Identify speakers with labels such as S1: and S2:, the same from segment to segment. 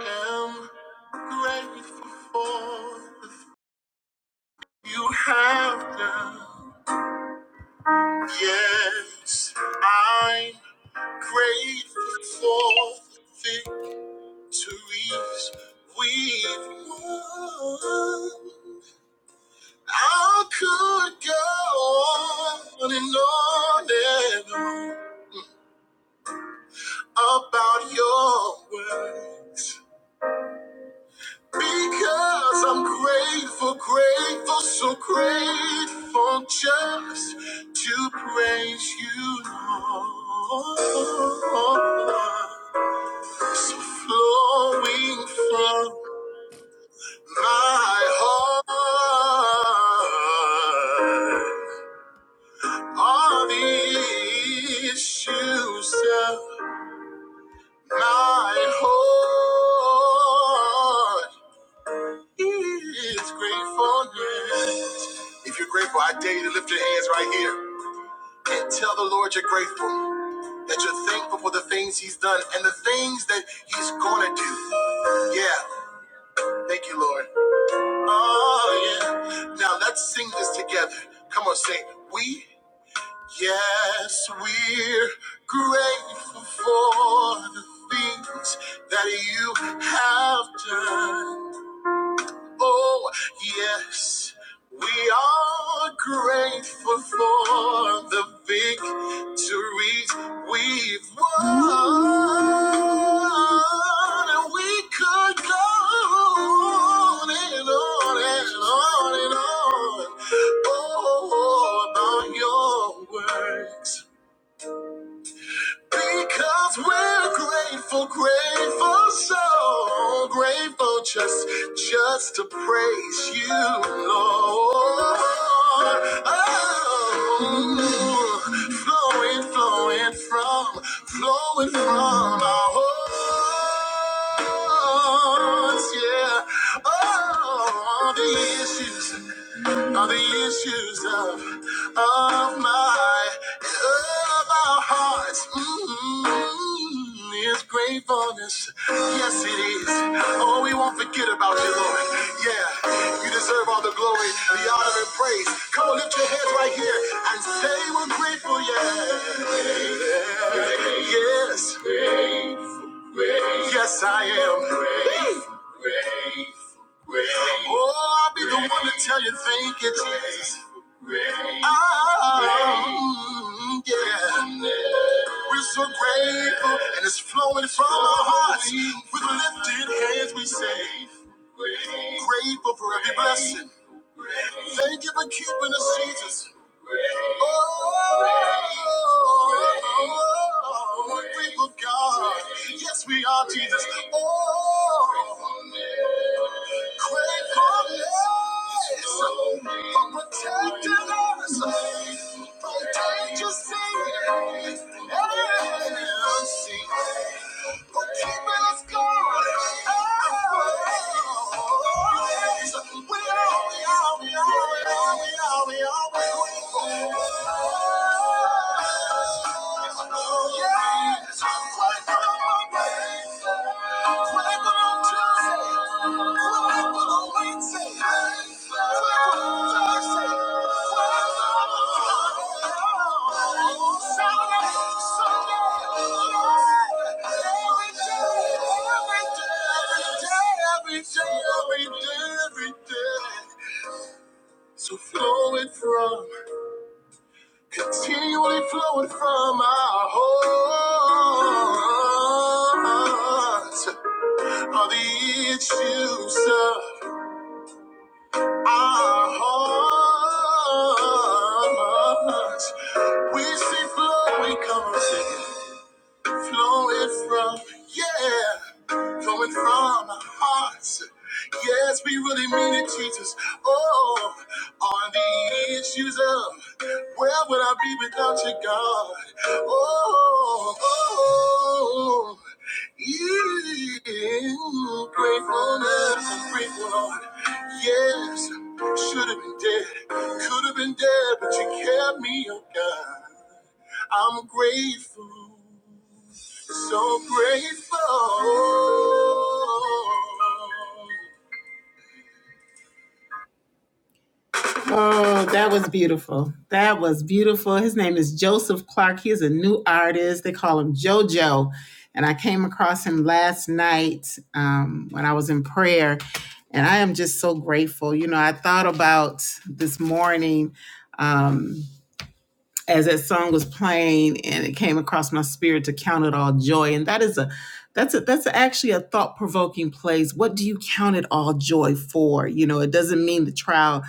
S1: am grateful for the things you have done. Yes, I'm grateful for the victories we've won. I could go on and on and on about your works. Because I'm grateful, grateful, so grateful just to praise you, Lord. So flowing from my heart are the issues of my heart. He's grateful. If you're grateful, I dare you to lift your hands right here and tell the Lord you're grateful. That you're thankful for the things He's done and the things that He's gonna do. Yeah, thank you, Lord. Oh yeah. Now let's sing this together. Come on, sing. We, yes, we're grateful for the things that you have done. Oh, yes, we are grateful for the victories we've won. And we could go on and on and on and on. Oh, about your works. Because we're grateful, grateful, so grateful just, just to praise you, Lord. Oh, flowing, flowing from, flowing from our hearts, yeah. Oh, all the issues, all the issues of, of my, of our hearts. Mm-hmm. Is gratefulness. Yes, it is. Oh, we won't forget about you, Lord. Yeah, you deserve all the glory, the honor, and praise. Come on, lift your head right here and say we're grateful. Yeah. Yes. Yes, I am. Oh, I'll be the one to tell you thank you, Jesus. Um, yeah. We're so grateful, and it's flowing from our hearts. With lifted hands, we say, Grateful for every blessing. Thank you for keeping us, Jesus. Oh, grateful God. Yes, we are, Jesus. Oh, Yes, I'm quite good on Monday, quite good on Tuesday. So flowing from, continually flowing from my heart are the issues. of Our hearts, we see flow, we come and sing flowing from, yeah, flowing from our hearts. Yes, we really mean it, Jesus. Oh, on the issues of where would I be without you, God? Oh, oh, yeah, gratefulness, I'm grateful, Lord. Yes, should have been dead, could have been dead, but you kept me, oh God. I'm grateful, so grateful. Oh, that was beautiful. That was beautiful. His name is Joseph Clark. He's a new artist. They call him JoJo. And I came across him last night um, when I was in prayer. And I am just so grateful. You know, I thought about this morning. Um, as that song was playing and it came across my spirit to count it all joy and that is a that's a that's actually a thought-provoking place what do you count it all joy for you know it doesn't mean the trial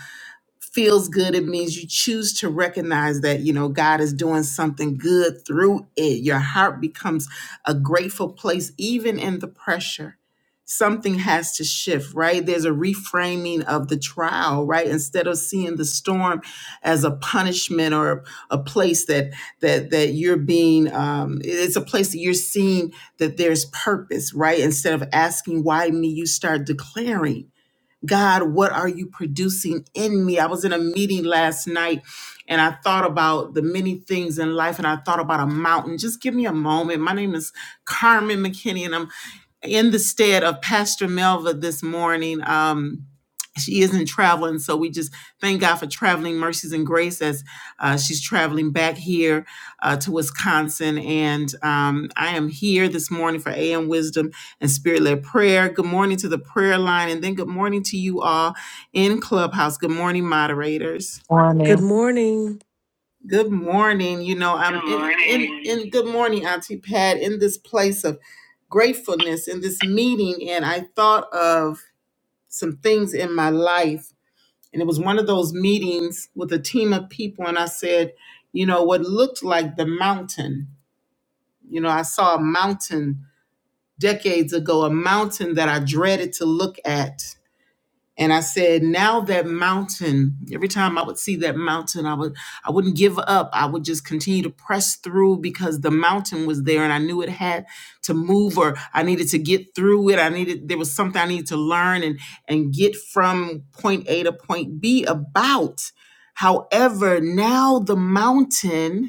S1: feels good it means you choose to recognize that you know god is doing something good through it your heart becomes a grateful place even in the pressure something has to shift right there's a reframing of the trial right instead of seeing the storm as a punishment or a place that that that you're being um it's a place that you're seeing that there's purpose right instead of asking why me you start declaring God, what are you producing in me? I was in a meeting last night and I thought about the many things in life and I thought about a mountain. Just give me a moment. My name is Carmen McKinney and I'm in the stead of Pastor Melva this morning. Um, she isn't traveling, so we just thank God for traveling mercies and grace as uh, she's traveling back here uh, to Wisconsin. And um, I am here this morning for AM Wisdom and spirit led prayer. Good morning to the prayer line, and then good morning to you all in Clubhouse. Good morning, moderators.
S2: Good
S3: morning.
S2: morning.
S1: Good morning. You know, I'm good in, morning. in, in good morning, Auntie Pat, in this place of gratefulness in this meeting, and I thought of some things in my life. And it was one of those meetings with a team of people, and I said, you know, what looked like the mountain. You know, I saw a mountain decades ago, a mountain that I dreaded to look at And I said, now that mountain, every time I would see that mountain, I would I wouldn't give up. I would just continue to press through because the mountain was there and I knew it had to move or I needed to get through it. I needed there was something I needed to learn and and get from point A to point B about. However, now the mountain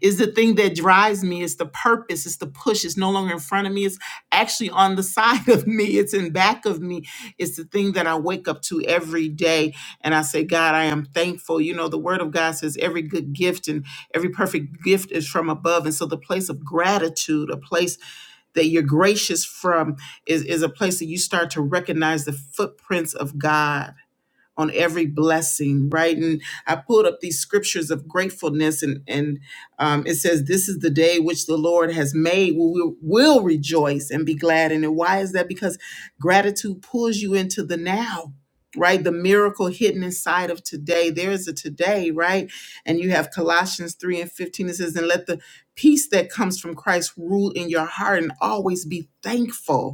S1: is the thing that drives me. It's the purpose. It's the push. It's no longer in front of me. It's actually on the side of me. It's in back of me. It's the thing that I wake up to every day. And I say, God, I am thankful. You know, the word of God says every good gift and every perfect gift is from above. And so the place of gratitude, a place that you're gracious from, is, is a place that you start to recognize the footprints of God on every blessing, right? And I pulled up these scriptures of gratefulness, and and um, it says, "This is the day which the Lord has made. We will, will rejoice and be glad in it." Why is that? Because gratitude pulls you into the now. Right, the miracle hidden inside of today. There is a today, right? And you have Colossians 3 and 15. It says, And let the peace that comes from Christ rule in your heart and always be thankful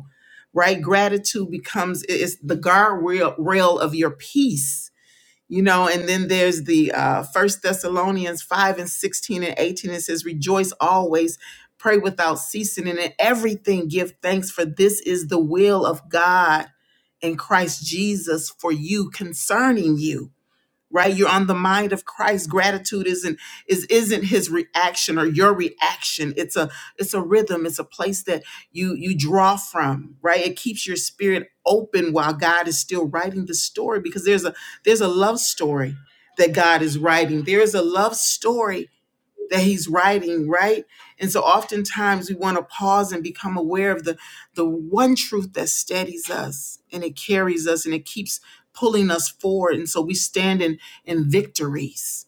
S1: right? Gratitude becomes it- it's the guardrail rail of your peace, you know. And then there's the uh, First Thessalonians five and sixteen and eighteen. It says, "Rejoice always, pray without ceasing, and in everything give thanks, for this is the will of God in Christ Jesus for you concerning you." right you're on the mind of christ gratitude isn't is isn't his reaction or your reaction it's a it's a rhythm it's a place that you you draw from right it keeps your spirit open while god is still writing the story because there's a there's a love story that god is writing there is a love story that he's writing, right? And so oftentimes we want to pause and become aware of the the one truth that steadies us and it carries us and it keeps pulling us forward. And so we stand in in victories.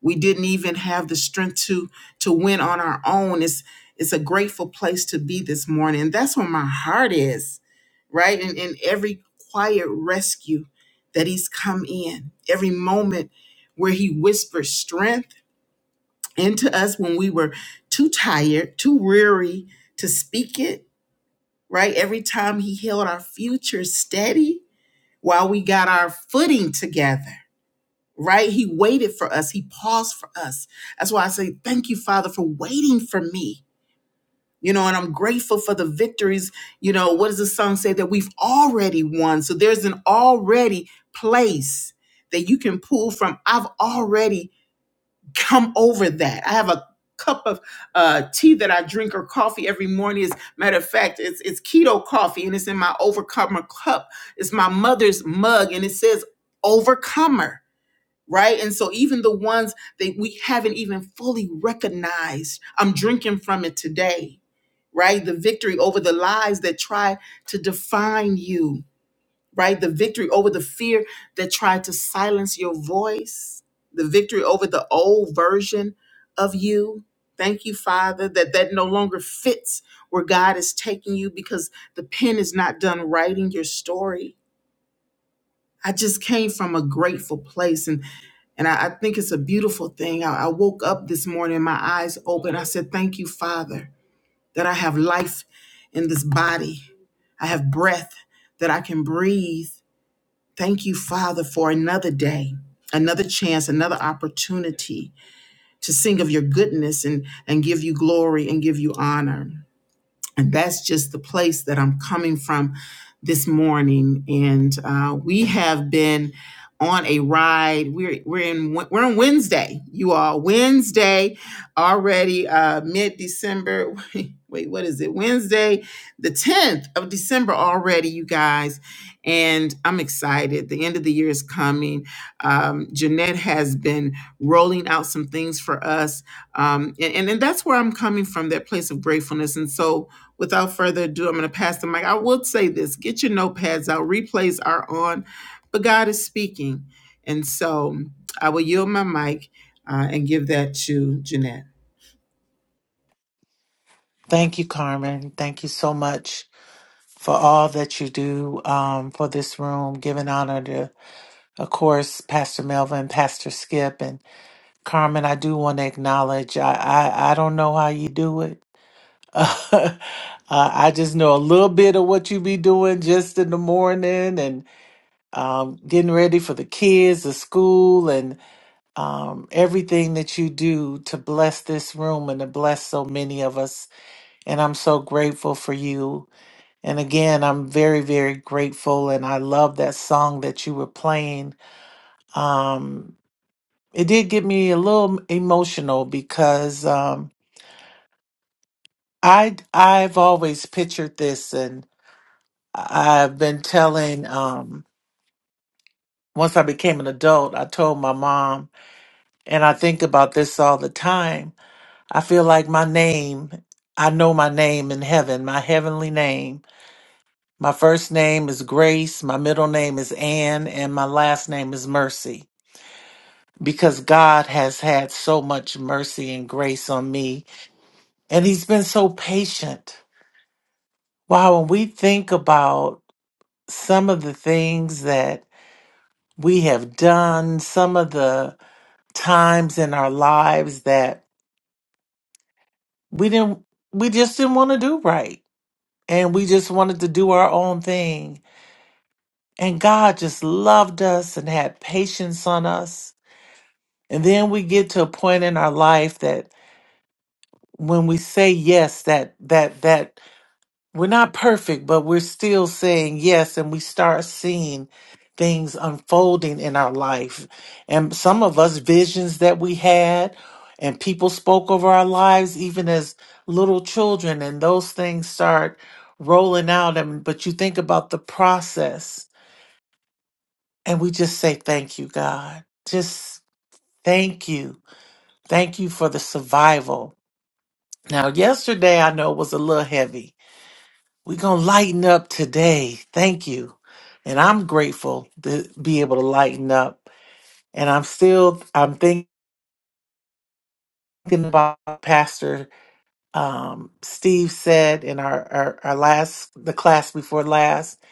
S1: We didn't even have the strength to to win on our own. It's it's a grateful place to be this morning. And that's where my heart is, right? And in every quiet rescue that he's come in, every moment where he whispers strength into us when we were too tired, too weary to speak it, right? Every time he held our future steady while we got our footing together, right? He waited for us, he paused for us. That's why I say, Thank you, Father, for waiting for me. You know, and I'm grateful for the victories. You know, what does the song say that we've already won? So there's an already place that you can pull from. I've already come over that. I have a cup of uh, tea that I drink or coffee every morning. As a matter of fact, it's, it's keto coffee and it's in my overcomer cup. It's my mother's mug and it says overcomer. Right. And so even the ones that we haven't even fully recognized, I'm drinking from it today. Right. The victory over the lies that try to define you right? The victory over the fear that tried to silence your voice, the victory over the old version of you. Thank you, Father, that that no longer fits where God is taking you because the pen is not done writing your story. I just came from a grateful place, and and I, I think it's a beautiful thing. I, I woke up this morning, my eyes open. I said, "Thank you, Father, that I have life in this body. I have breath that I can breathe. Thank you, Father, for another day, another chance, another opportunity to sing of your goodness and, and give you glory and give you honor and that's just the place that I'm coming from this morning. And uh, we have been on a ride. We're we're in we're on Wednesday, you all. Wednesday already, uh, mid December. Wait, what is it? Wednesday, the 10th of December already, you guys. And I'm excited. The end of the year is coming. Um, Jeanette has been rolling out some things for us. Um, and, and, and that's where I'm coming from, that place of gratefulness. And so Without further ado, I'm going to pass the mic. I will say this get your notepads out. Replays are on, but God is speaking. And so I will yield my mic uh, and give that to Jeanette.
S3: Thank you, Carmen. Thank you so much for all that you do um, for this room, giving honor to, of course, Pastor Melvin, Pastor Skip, and Carmen. I do want to acknowledge. I I, I don't know how you do it. Uh, I just know a little bit of what you be doing just in the morning and um, getting ready for the kids, the school, and um, everything that you do to bless this room and to bless so many of us And I'm so grateful for you. And again, I'm very, very grateful. And I love that song that you were playing. Um, it did get me a little emotional because um, I I've always pictured this, and I've been telling. Um, once I became an adult, I told my mom, and I think about this all the time. I feel like my name. I know my name in heaven, my heavenly name My first name is Grace, my middle name is Ann, and my last name is Mercy because God has had so much mercy and grace on me, and He's been so patient. Wow, when we think about some of the things that we have done, some of the times in our lives that we didn't, we just didn't want to do right, and we just wanted to do our own thing. And God just loved us and had patience on us and then we get to a point in our life that when we say yes that that that we're not perfect but we're still saying yes and we start seeing things unfolding in our life and some of us visions that we had and people spoke over our lives even as little children and those things start rolling out and but you think about the process and we just say thank you god just thank you thank you for the survival Now, yesterday I know was a little heavy. We're going to lighten up today. Thank you. And I'm grateful to be able to lighten up. And I'm still, I'm thinking about what Pastor um, Steve said in our, our, our last, the class before last.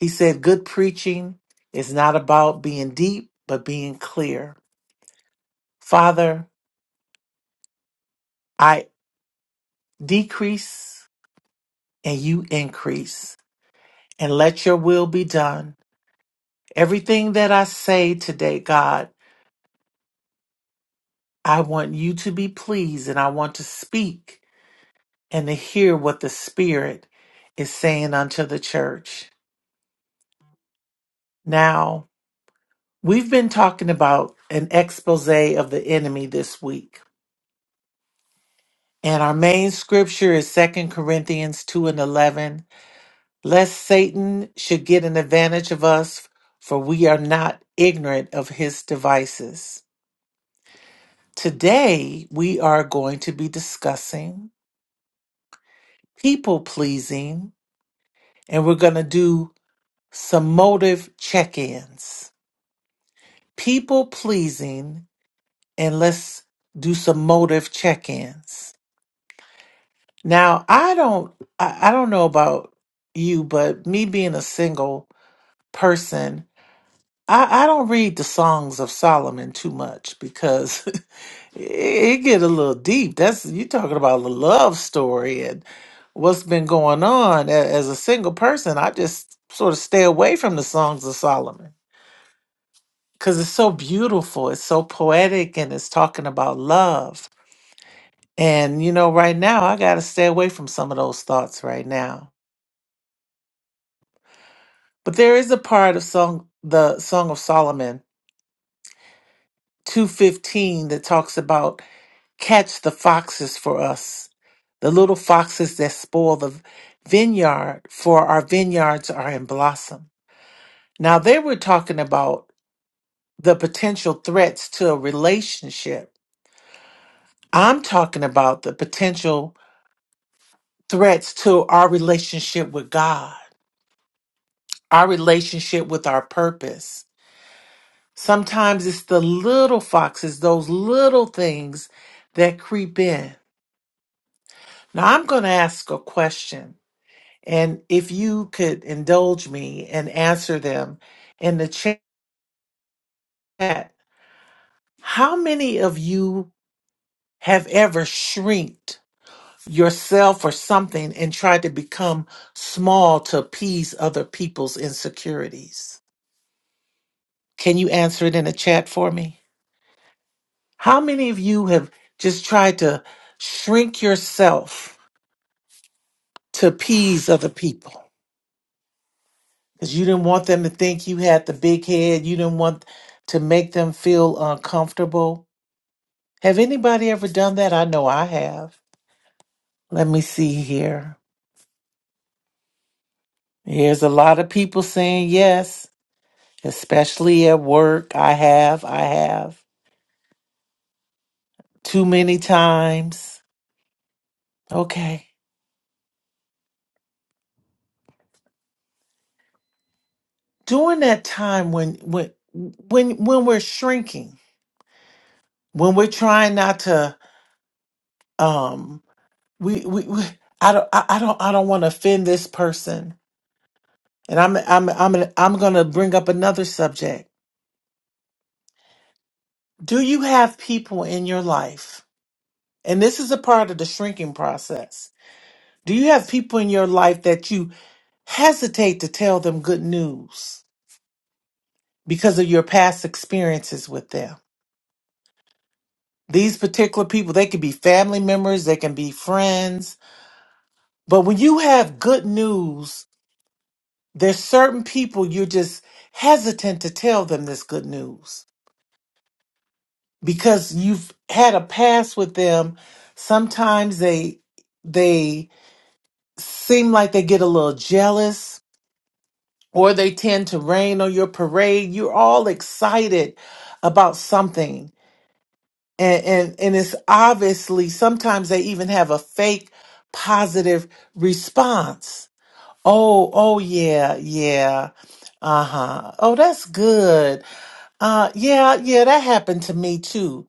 S3: He said, good preaching is not about being deep, but being clear. Father, I decrease and you increase and let your will be done Everything that I say today, God, I want you to be pleased and I want to speak and to hear what the Spirit is saying unto the church. Now, we've been talking about an expose of the enemy this week. And our main scripture is Second Corinthians 2 and 11. Lest Satan should get an advantage of us, for we are not ignorant of his devices. Today, we are going to be discussing people pleasing, and we're going to do some motive check ins. People pleasing, and let's do some motive check ins. Now, I don't, I, I don't know about you, but me being a single person, I, I don't read the songs of Solomon too much because it get a little deep. That's you talking about a love story and what's been going on A- as a single person. I just sort of stay away from the songs of Solomon because it's so beautiful, it's so poetic, and it's talking about love. And you know, right now I got to stay away from some of those thoughts right now. But there is a part of song, the Song of Solomon two fifteen, that talks about Catch the foxes for us, the little foxes that spoil the vineyard, for our vineyards are in blossom. Now, they were talking about the potential threats to a relationship. I'm talking about the potential threats to our relationship with God, our relationship with our purpose. Sometimes it's the little foxes, those little things that creep in. Now, I'm going to ask a question And if you could indulge me and answer them in the chat, how many of you have ever shrinked yourself or something and tried to become small to appease other people's insecurities? Can you answer it in the chat for me? How many of you have just tried to shrink yourself to appease other people? Because you didn't want them to think you had the big head, you didn't want to make them feel uncomfortable Have anybody ever done that? I know I have. Let me see here. Here's a lot of people saying yes, especially at work. I have, I have. Too many times. Okay. During that time when when when when we're shrinking, when we're trying not to um we we, we I don't I, I don't I don't want to offend this person. And I'm I'm I'm I'm going to bring up another subject. Do you have people in your life And this is a part of the shrinking process. Do you have people in your life that you hesitate to tell them good news because of your past experiences with them? These particular people, they can be family members, they can be friends. But when you have good news, there's certain people you're just hesitant to tell them this good news because you've had a past with them. Sometimes they, they seem like they get a little jealous or they tend to rain on your parade. You're all excited about something. And, and, and it's obviously sometimes they even have a fake positive response. Oh, oh, yeah, yeah. Uh huh. Oh, that's good. Uh, yeah, yeah, that happened to me too.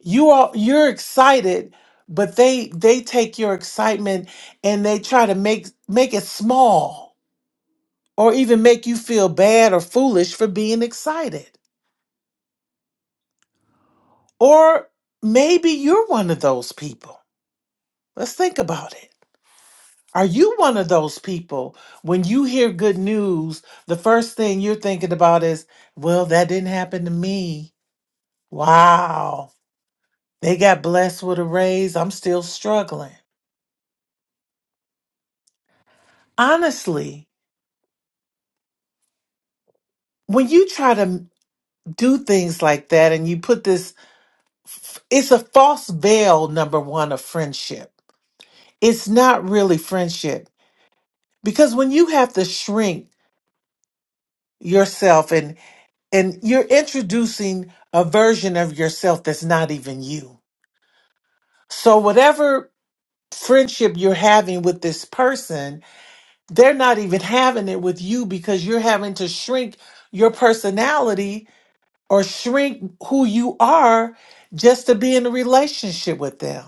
S3: You are, you're excited, but they, they take your excitement and they try to make, make it small or even make you feel bad or foolish for being excited. Or maybe you're one of those people. Let's think about it. Are you one of those people when you hear good news, the first thing you're thinking about is, well, that didn't happen to me. Wow. They got blessed with a raise. I'm still struggling. Honestly, when you try to do things like that and you put this, it's a false veil, number one, of friendship. It's not really friendship because when you have to shrink yourself and and you're introducing a version of yourself that's not even you so whatever friendship you're having with this person they're not even having it with you because you're having to shrink your personality or shrink who you are just to be in a relationship with them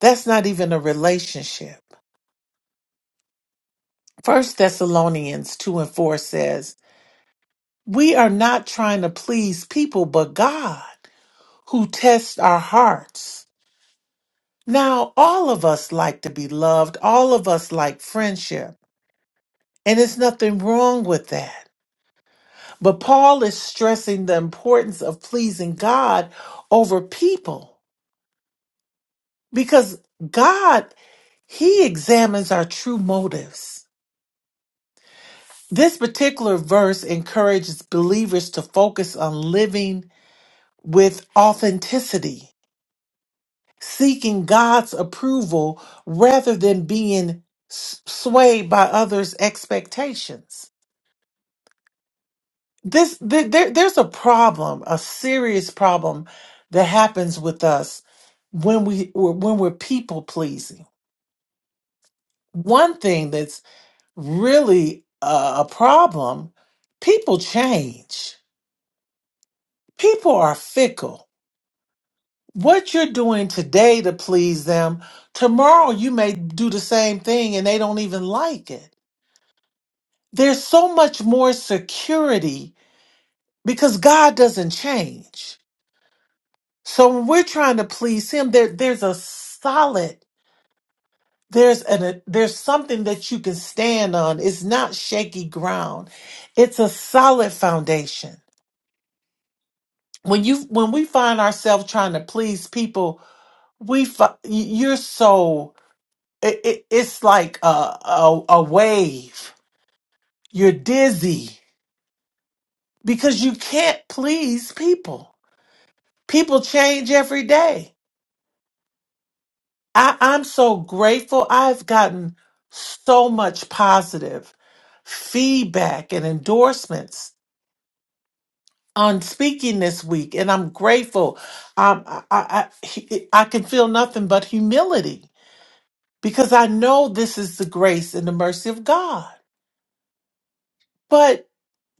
S3: that's not even a relationship first thessalonians 2 and 4 says We are not trying to please people, but God who tests our hearts. Now, all of us like to be loved, all of us like friendship, and there's nothing wrong with that. But Paul is stressing the importance of pleasing God over people because God, He examines our true motives. This particular verse encourages believers to focus on living with authenticity seeking God's approval rather than being s- swayed by others' expectations. This th- there, there's a problem, a serious problem that happens with us when we when we're people pleasing. One thing that's really a, a problem: people change. People are fickle. What you're doing today to please them, tomorrow you may do the same thing and they don't even like it there's so much more security because God doesn't change. So when we're trying to please Him, there there's a solid, there's an a, there's something that you can stand on. It's not shaky ground. It's a solid foundation. When you when we find ourselves trying to please people, we fi- you're so it, it, it's like a, a a wave. You're dizzy because you can't please people people change every day. I, I'm so grateful. I've gotten so much positive feedback and endorsements on speaking this week, and I'm grateful. Um, I, I, I, I can feel nothing but humility because I know this is the grace and the mercy of God. But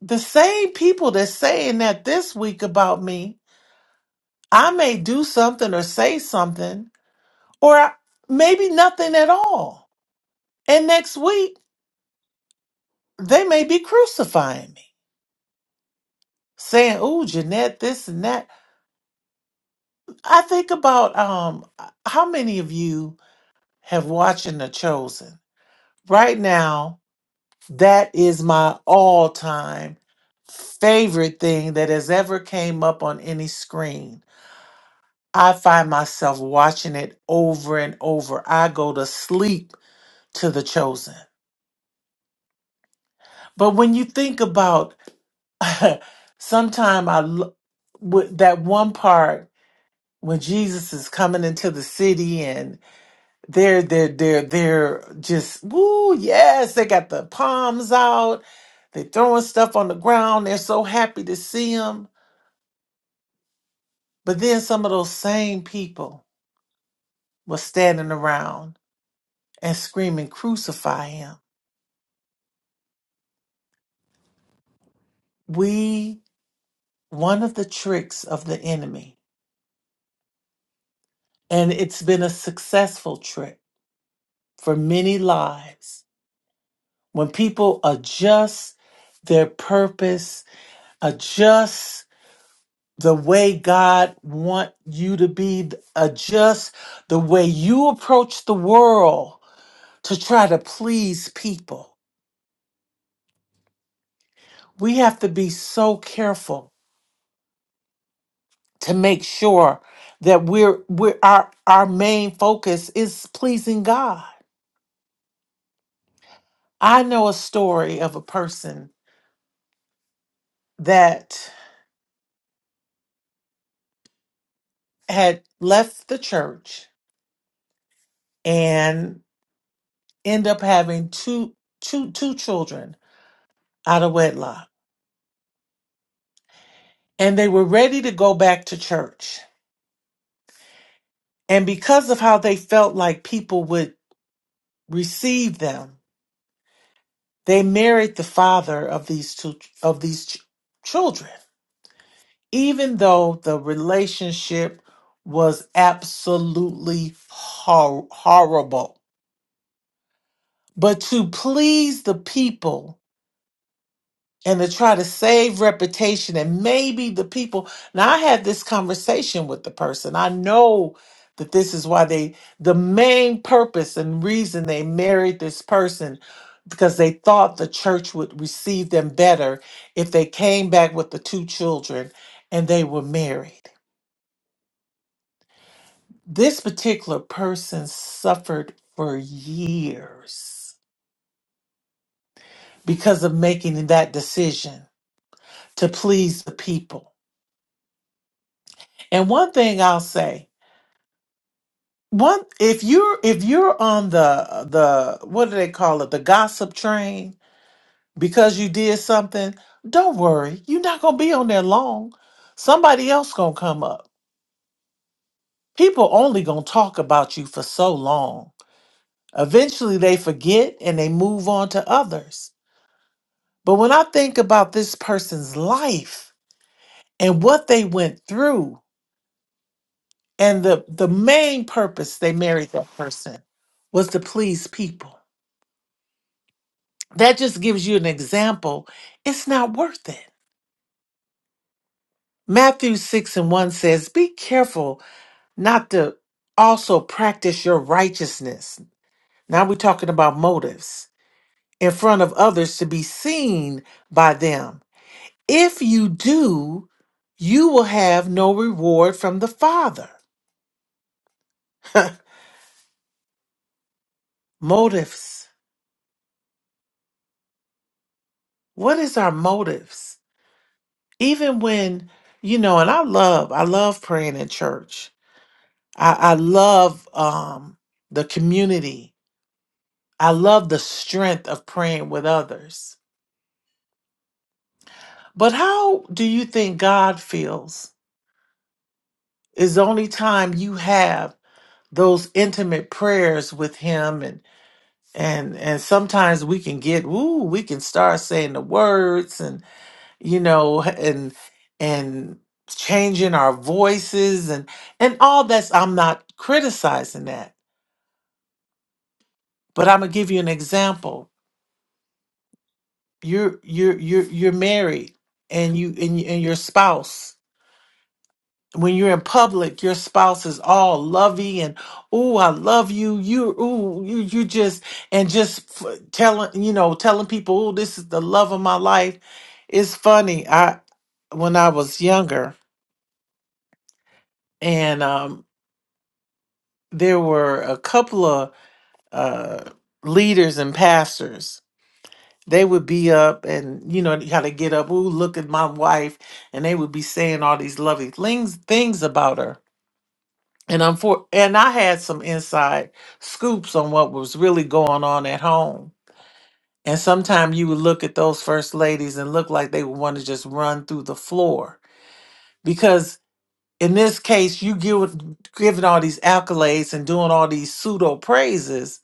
S3: the same people that's saying that this week about me, I may do something or say something, or I- maybe nothing at all And next week, they may be crucifying me, saying, "Oh, Jeanette, this and that." I think about um, how many of you have watched The Chosen right now. That is my all-time favorite thing that has ever came up on any screen. I find myself watching it over and over. I go to sleep to The Chosen. But when you think about, sometime I l- with that one part when Jesus is coming into the city and they're they're they're they're just woo yes they got the palms out they're throwing stuff on the ground they're so happy to see him but then some of those same people were standing around and screaming crucify him we one of the tricks of the enemy and it's been a successful trick for many lives when people adjust their purpose adjust the way God want you to be, adjust the way you approach the world to try to please people. We have to be so careful to make sure that we're, we're our our main focus is pleasing God. I know a story of a person that had left the church and end up having two two two children out of wedlock and they were ready to go back to church And because of how they felt like people would receive them, they married the father of these two of these ch- children, even though the relationship was absolutely hor- horrible. But to please the people and to try to save reputation and maybe the people now i had this conversation with the person i know that this is why they the main purpose and reason they married this person because they thought the church would receive them better if they came back with the two children and they were married this particular person suffered for years because of making that decision to please the people and one thing i'll say One, if you're if you're on the the what do they call it, the gossip train because you did something, don't worry, you're not gonna be on there long. Somebody else gonna come up. People only gonna talk about you for so long. Eventually, they forget and they move on to others. But when I think about this person's life and what they went through, and the the main purpose they married that person was to please people That just gives you an example. It's not worth it. Matthew 6 and 1 says, Be careful not to also practice your righteousness. Now we're talking about motives in front of others to be seen by them. If you do, you will have no reward from the Father. Motives. What is our motives? Even when, you know, and I love, I love praying in church I, I love um, the community. I love the strength of praying with others. But how do you think God feels? Is the only time you have those intimate prayers with Him, and and and sometimes we can get ooh, we can start saying the words, and you know, and and changing our voices, and and all that's. I'm not criticizing that, but I'm gonna give you an example you're you're you're you're married and you and, and your spouse when you're in public your spouse is all lovey and oh i love you you ooh you you just and just f- telling you know telling people oh this is the love of my life it's funny i when i was younger and um there were a couple of uh leaders and pastors they would be up and you know how they get up ooh look at my wife and they would be saying all these lovely things things about her and i'm for and i had some inside scoops on what was really going on at home and sometimes you would look at those first ladies and look like they would want to just run through the floor because in this case you give giving all these accolades and doing all these pseudo praises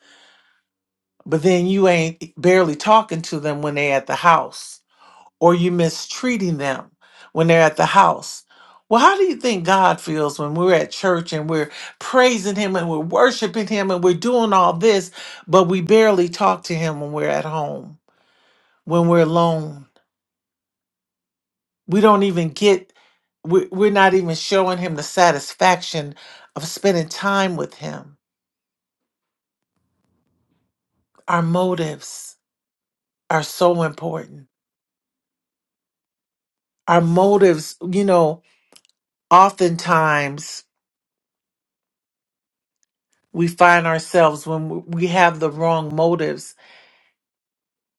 S3: but then you ain't barely talking to them when they at the house or you mistreating them when they're at the house. Well, how do you think God feels when we're at church and we're praising Him and we're worshiping Him and we're doing all this, but we barely talk to Him when we're at home, when we're alone? We don't even get, we- we're not even showing Him the satisfaction of spending time with Him. Our motives are so important. Our motives, you know, oftentimes we find ourselves when we have the wrong motives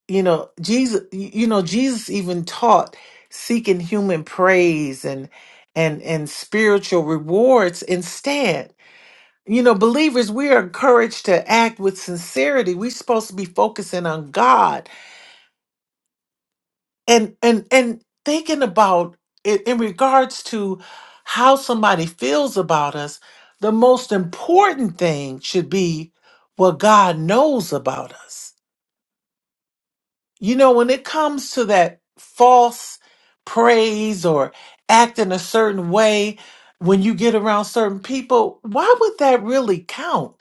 S3: you know jesus you know jesus even taught seeking human praise and and and spiritual rewards instead you know believers we are encouraged to act with sincerity we're supposed to be focusing on god and and and thinking about it in regards to how somebody feels about us the most important thing should be what god knows about us You know, when it comes to that false praise or acting a certain way when you get around certain people, why would that really count?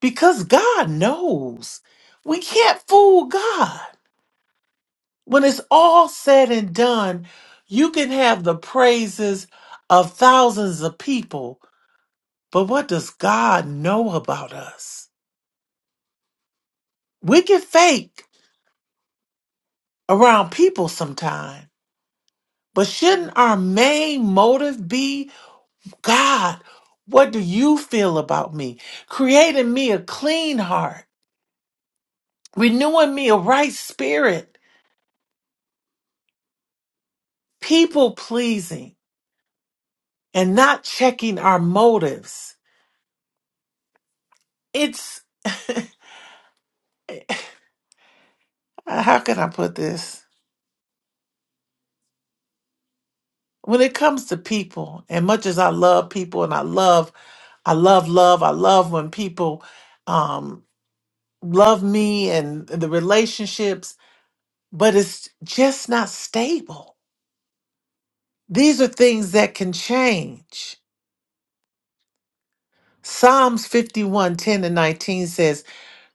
S3: Because God knows. We can't fool God. When it's all said and done, you can have the praises of thousands of people, but what does God know about us? We can fake around people sometimes, but shouldn't our main motive be? God, what do you feel about me? Creating me a clean heart, renewing me a right spirit, people pleasing, and not checking our motives. It's uh, how can I put this? When it comes to people, and much as I love people and I love, I love love, I love when people um love me and the relationships, but it's just not stable. These are things that can change Psalms 51 10 and 19 says,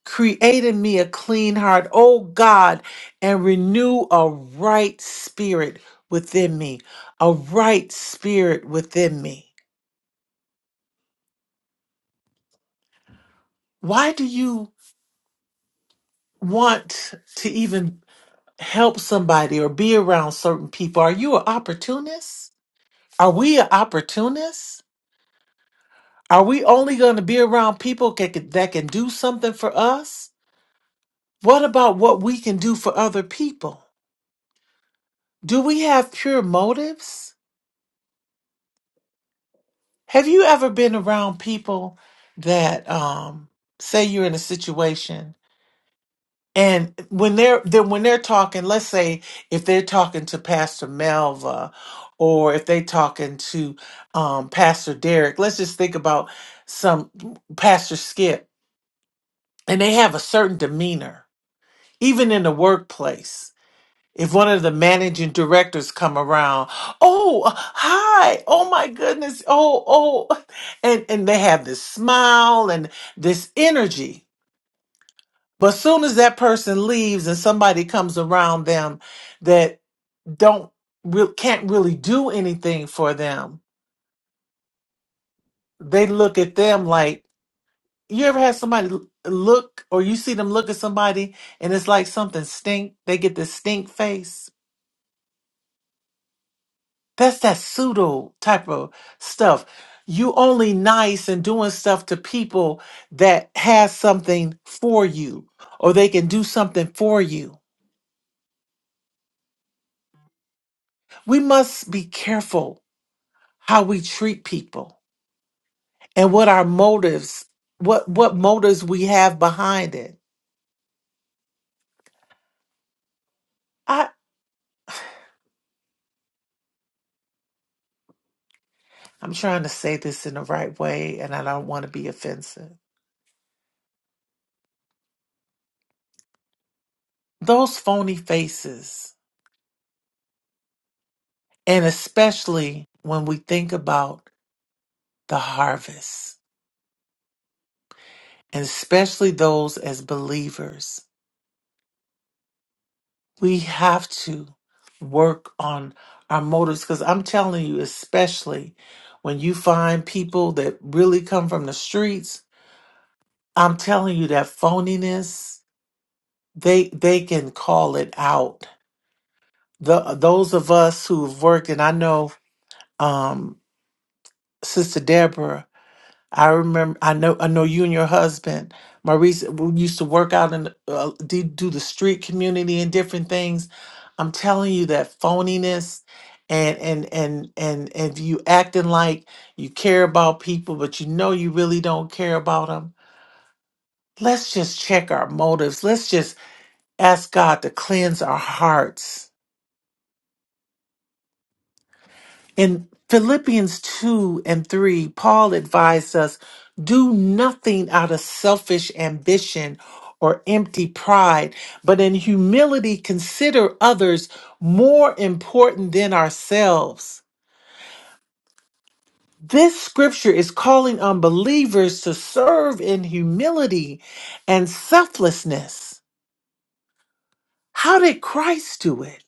S3: Create in me a clean heart, O God, and renew a right spirit within me. A right spirit within me. Why do you want to even help somebody or be around certain people? Are you an opportunist? Are we an opportunist? Are we only going to be around people that can, that can do something for us? What about what we can do for other people? do we have pure motives? Have you ever been around people that um say you're in a situation and when they're then when they're talking, let's say if they're talking to Pastor Melva or if they're talking to um Pastor Derek, let's just think about some Pastor Skip and they have a certain demeanor, even in the workplace. if one of the managing directors come around oh hi oh my goodness oh oh and and they have this smile and this energy but soon as that person leaves and somebody comes around them that don't re- can't really do anything for them they look at them like you ever had somebody l- look or you see them look at somebody and it's like something stink they get this stink face That's that pseudo type of stuff. You only nice and doing stuff to people that has something for you or they can do something for you. We must be careful how we treat people and what our motives, what what motives we have behind it. I I'm trying to say this in the right way and I don't want to be offensive. Those phony faces, and especially when we think about the harvest and especially those as believers, we have to work on our motives because I'm telling you, especially when you find people that really come from the streets, I'm telling you that phoniness, they they can call it out. The those of us who've worked, and I know um Sister Deborah I remember. I know. I know you and your husband, Maurice, we used to work out and uh, do, do the street community and different things. I'm telling you that phoniness, and and and and and you acting like you care about people, but you know you really don't care about them. Let's just check our motives. Let's just ask God to cleanse our hearts In Philippians 2 and 3, Paul advised us do nothing out of selfish ambition or empty pride, but in humility consider others more important than ourselves. This scripture is calling on believers to serve in humility and selflessness. How did Christ do it?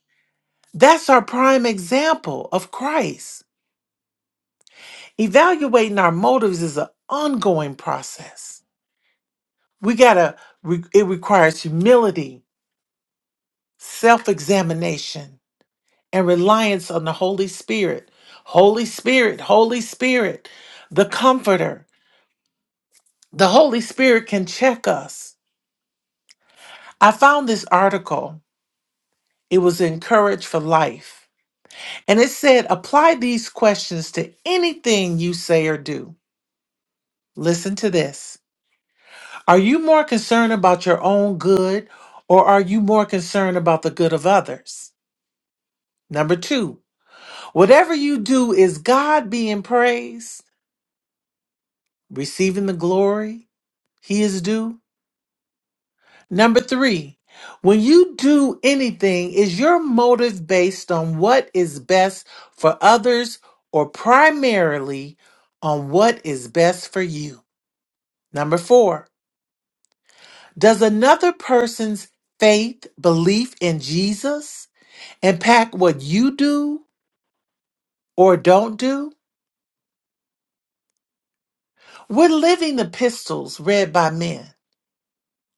S3: That's our prime example of Christ. Evaluating our motives is an ongoing process. We gotta, re- it requires humility, self examination, and reliance on the Holy Spirit. Holy Spirit, Holy Spirit, the Comforter. The Holy Spirit can check us. I found this article. It was in Courage for Life. And it said, apply these questions to anything you say or do. Listen to this. Are you more concerned about your own good or are you more concerned about the good of others? Number two, whatever you do, is God being praised, receiving the glory he is due? Number three, when you do anything, is your motive based on what is best for others or primarily on what is best for you? Number four, does another person's faith, belief in Jesus? impact what you do or don't do? We're living the pistols read by men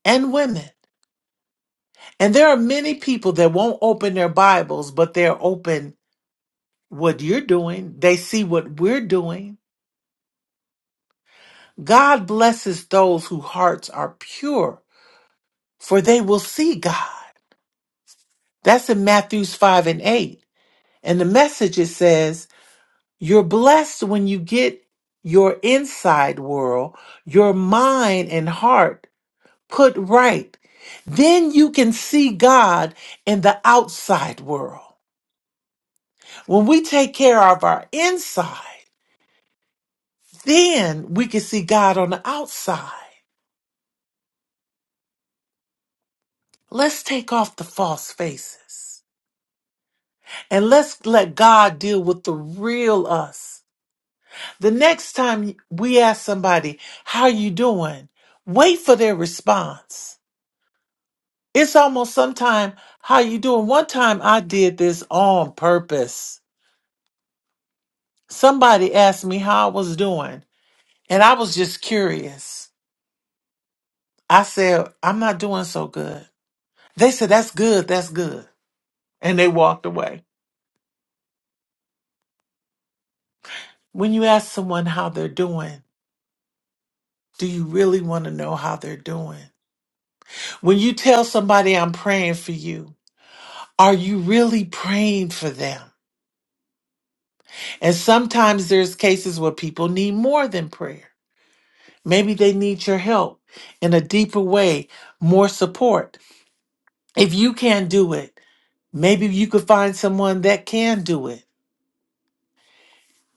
S3: and women. And there are many people that won't open their Bibles, but they're open what you're doing. They see what we're doing. God blesses those whose hearts are pure, for they will see God. That's in Matthews 5 and 8. And the message it says, You're blessed when you get your inside world, your mind and heart put right, then you can see God in the outside world. When we take care of our inside, then we can see God on the outside. Let's take off the false faces and let's let God deal with the real us. The next time we ask somebody, how you doing? Wait for their response. It's almost sometime, how you doing? One time I did this on purpose. Somebody asked me how I was doing, and I was just curious. I said, I'm not doing so good. They said, That's good, that's good. And they walked away. When you ask someone how they're doing, do you really want to know how they're doing? When you tell somebody, I'm praying for you, are you really praying for them? And sometimes there's cases where people need more than prayer. Maybe they need your help in a deeper way, more support. If you can't do it, maybe you could find someone that can do it.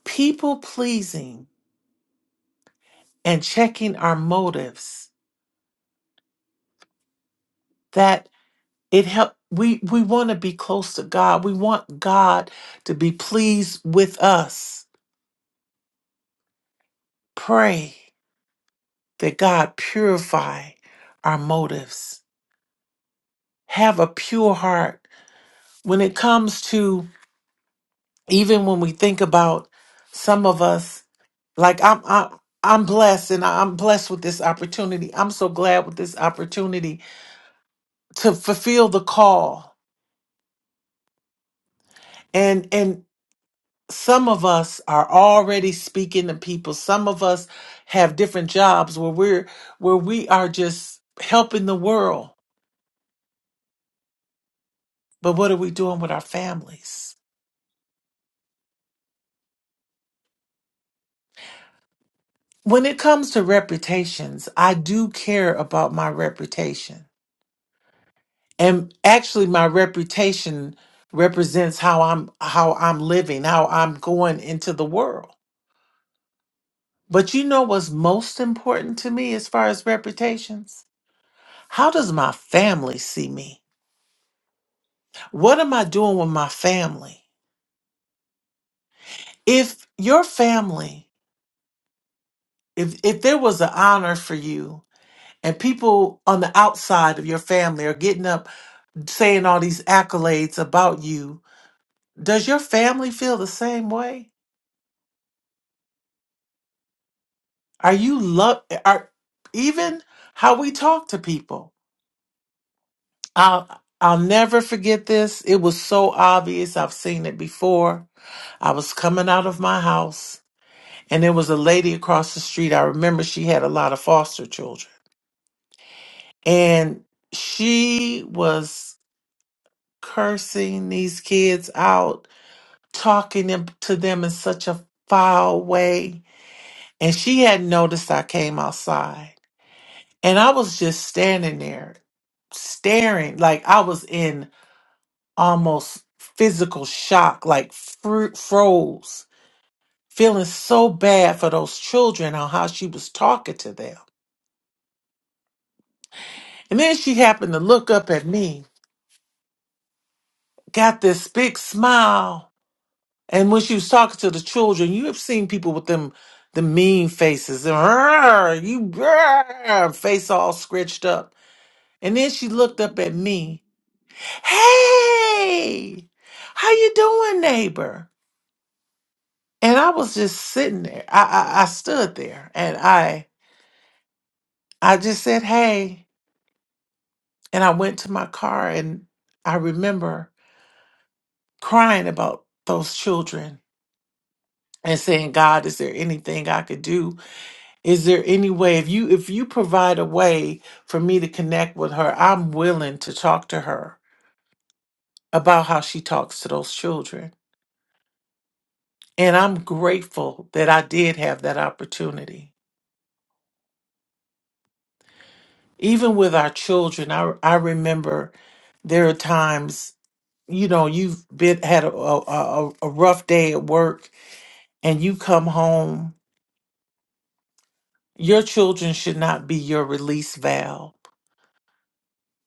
S3: People pleasing and checking our motives that it help we we want to be close to God. We want God to be pleased with us. Pray that God purify our motives. Have a pure heart when it comes to even when we think about some of us Like I'm I, I'm blessed and I'm blessed with this opportunity. I'm so glad with this opportunity to fulfill the call. And and some of us are already speaking to people. Some of us have different jobs where we're where we are just helping the world. But what are we doing with our families? When it comes to reputations, I do care about my reputation. and actually my reputation represents how i'm how i'm living how i'm going into the world but you know what's most important to me as far as reputations how does my family see me what am i doing with my family if your family if if there was an honor for you and people on the outside of your family are getting up saying all these accolades about you does your family feel the same way Are you love? Are even how we talk to people? I'll I'll never forget this. It was so obvious. I've seen it before. I was coming out of my house, and there was a lady across the street. I remember she had a lot of foster children, and she was cursing these kids out, talking them- to them in such a foul way. And she hadn't noticed I came outside. And I was just standing there staring like I was in almost physical shock, like fr- froze, feeling so bad for those children on how she was talking to them. And then she happened to look up at me, got this big smile. And when she was talking to the children, you have seen people with them the mean faces and "Arr, you arr," face all scratched up. And then she looked up at me hey how you doing neighbor and i was just sitting there i i, I stood there and i i just said hey and i went to my car and i remember crying about those children and saying god is there anything i could do is there any way if you if you provide a way for me to connect with her i'm willing to talk to her about how she talks to those children and i'm grateful that i did have that opportunity even with our children i i remember there are times you know you've been had a a, a a rough day at work and you come home your children should not be your release valve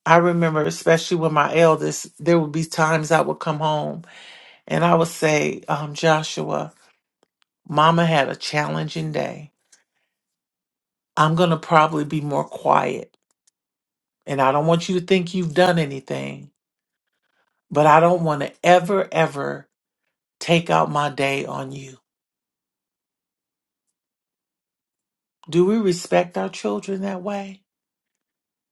S3: i remember especially with my eldest there would be times i would come home and i would say um, joshua mama had a challenging day i'm going to probably be more quiet and i don't want you to think you've done anything but i don't want to ever ever Take out my day on you. Do we respect our children that way?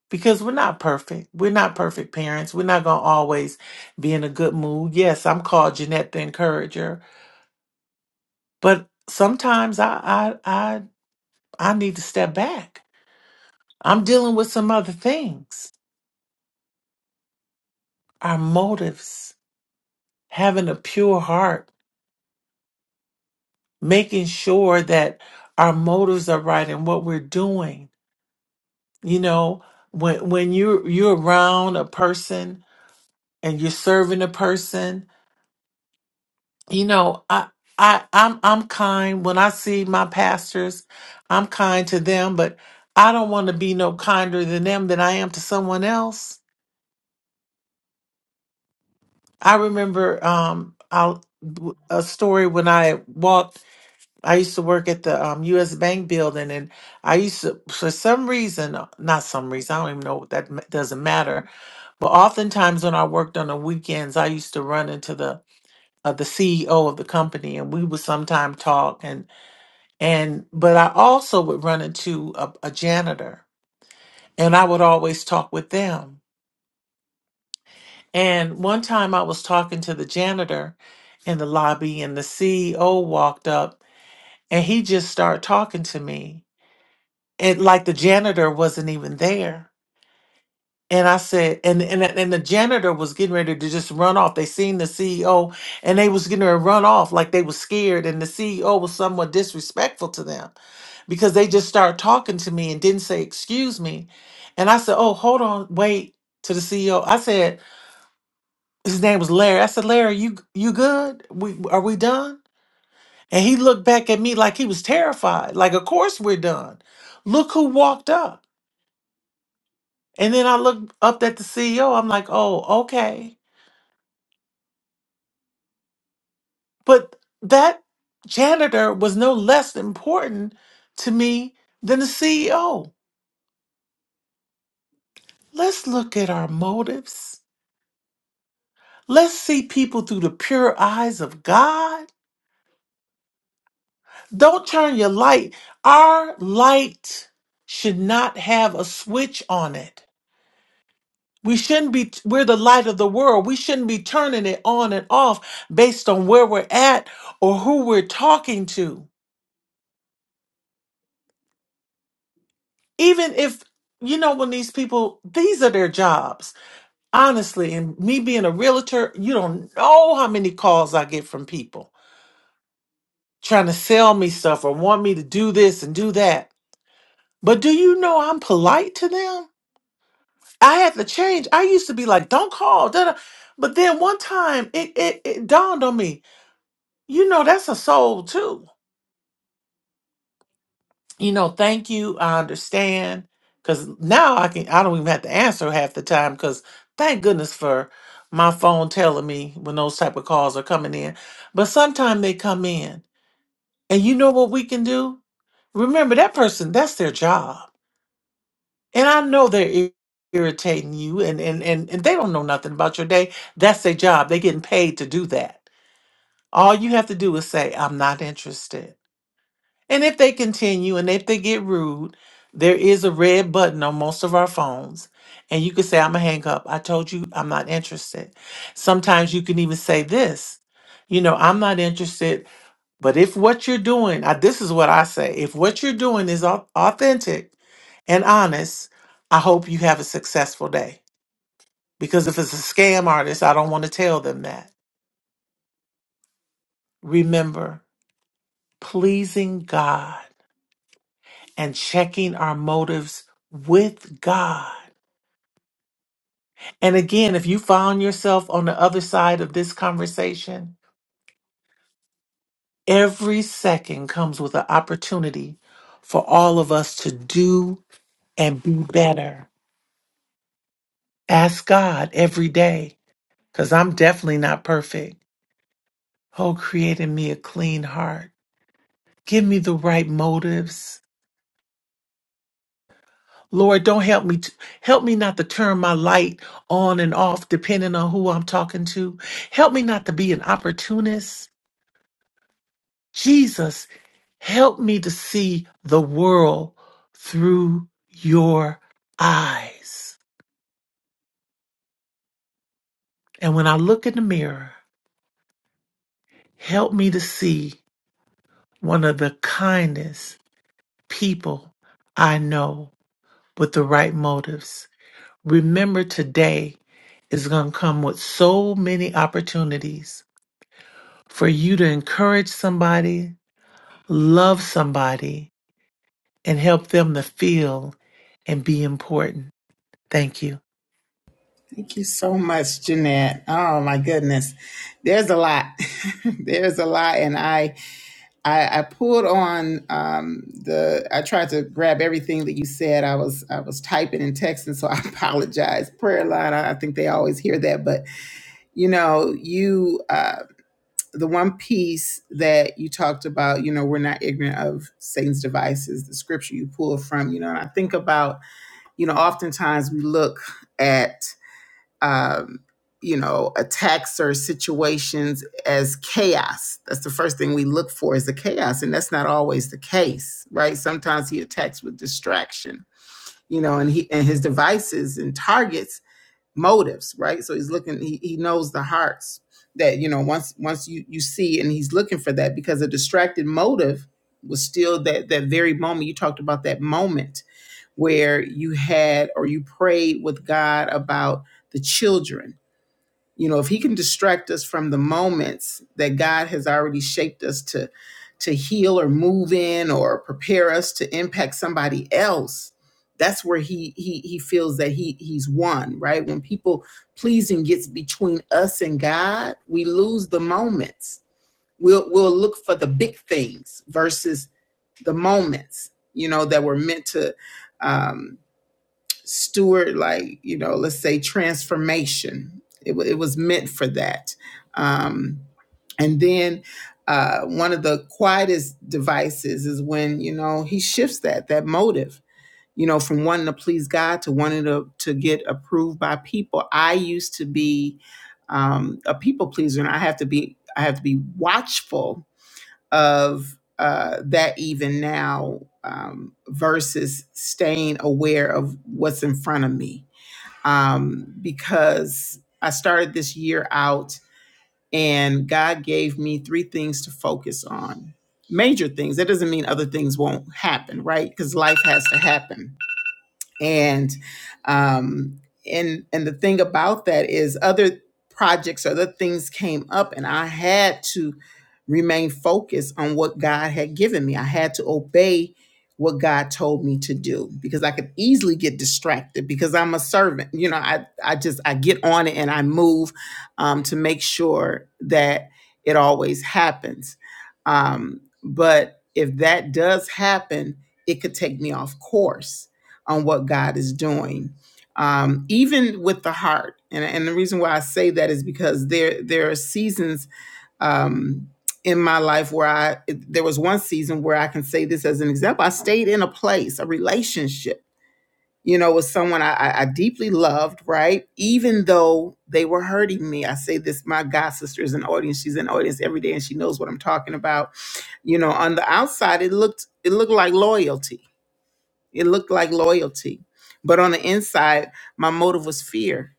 S3: Because we're not perfect. We're not perfect parents. We're not going to always be in a good mood. Yes, I'm called Jeanette the Encourager, but sometimes I, I, I, I need to step back. I'm dealing with some other things. Our motives, having a pure heart, making sure that our motives are right and what we're doing. You know, when when you are you're you're around a person and you're serving a person you know i i i'm i'm kind when i see my pastors i'm kind to them but i don't want to be no kinder than them than i am to someone else i remember um i a story when i walked i used to work at the um, us bank building and i used to for some reason not some reason i don't even know that ma- doesn't matter but oftentimes when i worked on the weekends i used to run into the uh, the CEO of the company, and we would sometime talk. And and but I also would run into a, a janitor, and I would always talk with them. And one time I was talking to the janitor in the lobby, and the CEO walked up, and he just started talking to me, and like the janitor wasn't even there. And I said, and and and the janitor was getting ready to just run off. They seen the CEO, and they was getting ready to run off like they was scared. And the CEO was somewhat disrespectful to them because they just started talking to me and didn't say excuse me. And I said, oh, hold on, wait. To the CEO, I said his name was Larry. I said, Larry, you you good? We are we done? And he looked back at me like he was terrified. Like, of course we're done. Look who walked up. And then I looked up at the CEO. I'm like, oh, okay. But that janitor was no less important to me than the CEO. Let's look at our motives. Let's see people through the pure eyes of God. Don't turn your light. Our light should not have a switch on it. We shouldn't be, we're the light of the world. We shouldn't be turning it on and off based on where we're at or who we're talking to. Even if, you know, when these people, these are their jobs honestly, and me being a realtor, you don't know how many calls I get from people trying to sell me stuff or want me to do this and do that. But do you know I'm polite to them? I had to change. I used to be like, don't call. Da-da. But then one time it, it, it dawned on me, you know, that's a soul too. you know, thank you. I understand. Cause now I can I don't even have to answer half the time because thank goodness for my phone telling me when those type of calls are coming in. But sometimes they come in. And you know what we can do? Remember that person, that's their job. And I know they're ir- irritating you and, and and and they don't know nothing about your day. That's their job. They're getting paid to do that. All you have to do is say, I'm not interested And if they continue and if they get rude, there is a red button on most of our phones. And you can say, I'm going to hang up. I told you I'm not interested. Sometimes you can even say this, you know, I'm not interested. But if what you're doing, I, this is what I say if what you're doing is au- authentic and honest, I hope you have a successful day. Because if it's a scam artist, I don't want to tell them that. Remember, pleasing God. and checking our motives with God. And again, if you found yourself on the other side of this conversation, every second comes with an opportunity for all of us to do and be better. Ask God every day, because I'm definitely not perfect. Oh, create in me a clean heart. Give me the right motives Lord, don't help me. To, help me not to turn my light on and off depending on who I'm talking to. Help me not to be an opportunist. Jesus, help me to see the world through your eyes. And when I look in the mirror, help me to see one of the kindest people I know with the right motives. Remember, today is going to come with so many opportunities for you to encourage somebody, love somebody, and help them to feel and be important. Thank you.
S1: Thank you so much, Jeanette. Oh my goodness. There's a lot. There's a lot. And I, I I pulled on um the I tried to grab everything that you said. I was I was typing and texting, so I apologize. Prayer line, I, I think they always hear that, but you know, you uh the one piece that you talked about, you know, we're not ignorant of Satan's devices, the scripture you pull from, you know, and I think about, you know, oftentimes we look at, um, you know, attacks or situations as chaos. That's the first thing we look for is the chaos. And that's not always the case, right? Sometimes he attacks with distraction, you know, and he and his devices and targets motives right so he's looking he, he knows the hearts that you know once once you you see and he's looking for that because a distracted motive was still that that very moment you talked about that moment where you had or you prayed with god about the children you know if he can distract us from the moments that god has already shaped us to to heal or move in or prepare us to impact somebody else that's where he he he feels that he he's won right when people pleasing gets between us and god we lose the moments we'll we'll look for the big things versus the moments you know that were meant to um steward like you know let's say transformation it, it was meant for that um and then uh, one of the quietest devices is when you know he shifts that that motive, you know, from wanting to please God to wanting to to get approved by people. I used to be um, a people pleaser, and I have to be I have to be watchful of uh, that even now um, versus staying aware of what's in front of me. Um, because I started this year out and God gave me three things to focus on major things. That doesn't mean other things won't happen, right? Because life has to happen and um and and the thing about that is other projects other things came up and i had to remain focused on what god had given me i had to obey what god told me to do because i could easily get distracted because i'm a servant you know i i just i get on it and i move um, to make sure that it always happens um, but if that does happen it could take me off course on what God is doing, um, even with the heart. And, and the reason why I say that is because there there are seasons um, in my life where I there was one season where I can say this as an example. I stayed in a place, a relationship, you know, with someone I, I I deeply loved, right? Even though they were hurting me. I say this, my God sister is an audience. She's an audience every day, and she knows what I'm talking about. You know, on the outside, it looked it looked like loyalty it looked like loyalty. But on the inside, my motive was fear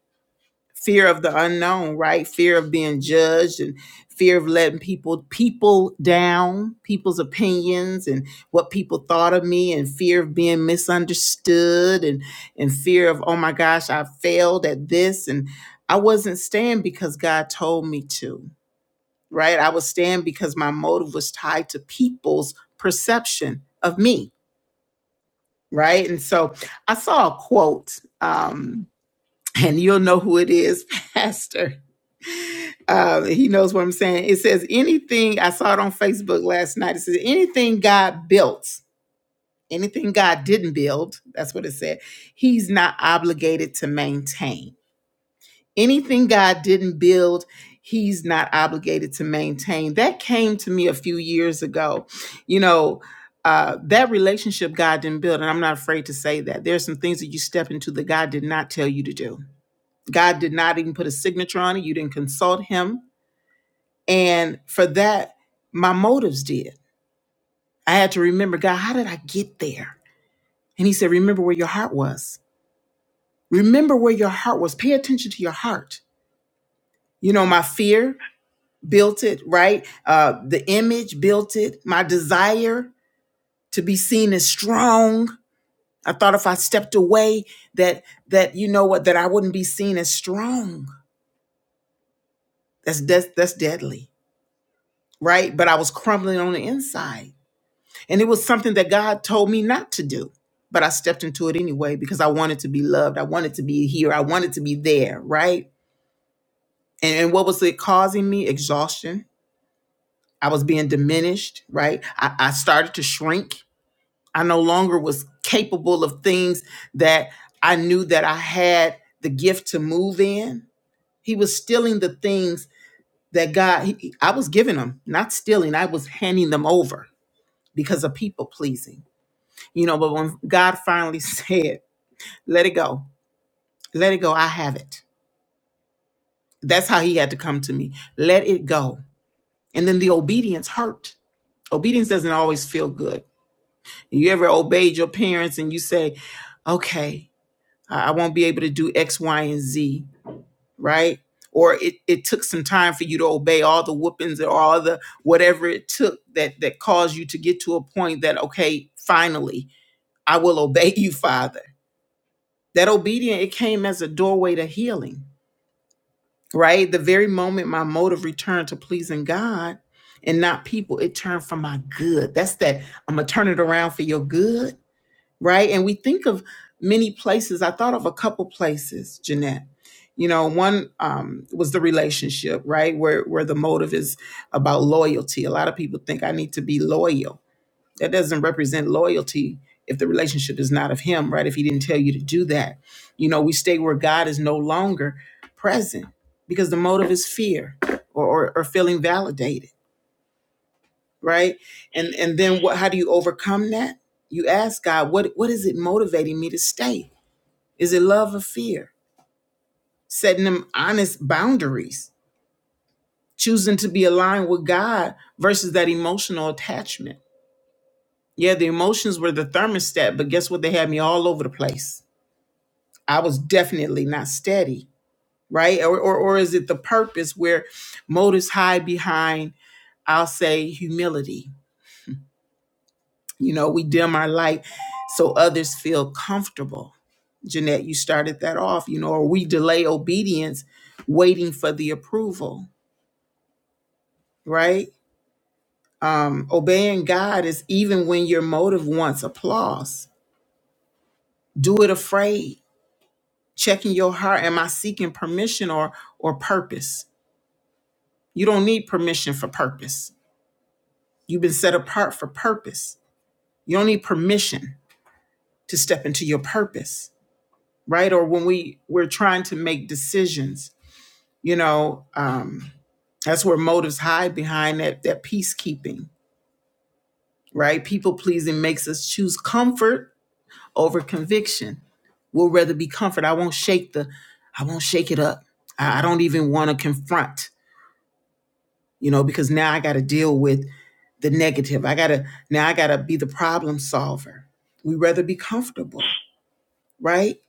S1: fear of the unknown, right? Fear of being judged and fear of letting people people down people's opinions and what people thought of me and fear of being misunderstood and and fear of oh my gosh i failed at this and i wasn't staying because god told me to right i was staying because my motive was tied to people's perception of me right? And so I saw a quote, um, and you'll know who it is, Pastor. Uh, he knows what I'm saying. It says, anything, I saw it on Facebook last night. It says, anything God built, anything God didn't build, that's what it said, he's not obligated to maintain anything God didn't build, he's not obligated to maintain. That came to me a few years ago. You know, uh, that relationship God didn't build, and I'm not afraid to say that. There's some things that you step into that God did not tell you to do. God did not even put a signature on it. You didn't consult him. And for that, my motives did. I had to remember, God, how did I get there? And he said, remember where your heart was. Remember where your heart was. Pay attention to your heart. You know, my fear, built it, right? Uh, the image built it. My desire to be seen as strong. I thought if I stepped away, that that you know what, that I wouldn't be seen as strong. That's that's that's deadly, right? But I was crumbling on the inside, and it was something that God told me not to do. But I stepped into it anyway because I wanted to be loved. I wanted to be here. I wanted to be there, right? And, and what was it causing me? Exhaustion. I was being diminished, right? I, I started to shrink I no longer was capable of things that I knew that I had the gift to move in. He was stealing the things that God, he- I was giving him, not stealing, I was handing them over because of people pleasing. You know, but when God finally said, let it go, let it go, I have it. That's how he had to come to me. Let it go. And then the obedience hurt. Obedience doesn't always feel good. You ever obeyed your parents and you say, okay, I I won't be able to do X, Y, and Z, right? Or it, it took some time for you to obey all the whoopings or all the whatever it took that that caused you to get to a point that okay, finally, I will obey you, Father. That obedience it came as a doorway to healing, right? The very moment my motive returned to pleasing God and not people, it turned for my good. That's that I'm gonna turn it around for your good right? And we think of many places. I thought of a couple places, Jeanette. You know, one um, was the relationship, right? Where where the motive is about loyalty. A lot of people think I need to be loyal. That doesn't represent loyalty if the relationship is not of Him, right? If He didn't tell you to do that, you know, we stay where God is no longer present because the motive is fear or or, or feeling validated right and and then what how do you overcome that you ask god what what is it motivating me to stay is it love or fear setting them honest boundaries choosing to be aligned with god versus that emotional attachment yeah the emotions were the thermostat but guess what they had me all over the place i was definitely not steady right or or, or is it the purpose where motives hide behind i'll say humility You know, we dim our light so others feel comfortable. Jeanette, you started that off, you know, or we delay obedience waiting for the approval, right? Um, obeying God is even when your motive wants applause. Do it afraid. Checking your heart. Am I seeking permission or or purpose? You don't need permission for purpose. You've been set apart for purpose. You don't need permission to step into your purpose, right? Or when we we're trying to make decisions you know um that's where motives hide behind that that peacekeeping right people pleasing makes us choose comfort over conviction we'll rather be comfort i won't shake the i won't shake it up i, I don't even want to confront you know because now i got to deal with the negative i gotta now i gotta be the problem solver we rather be comfortable right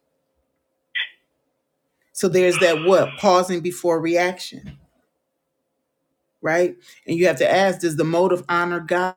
S1: so there's that what pausing before reaction right and you have to ask does the motive honor god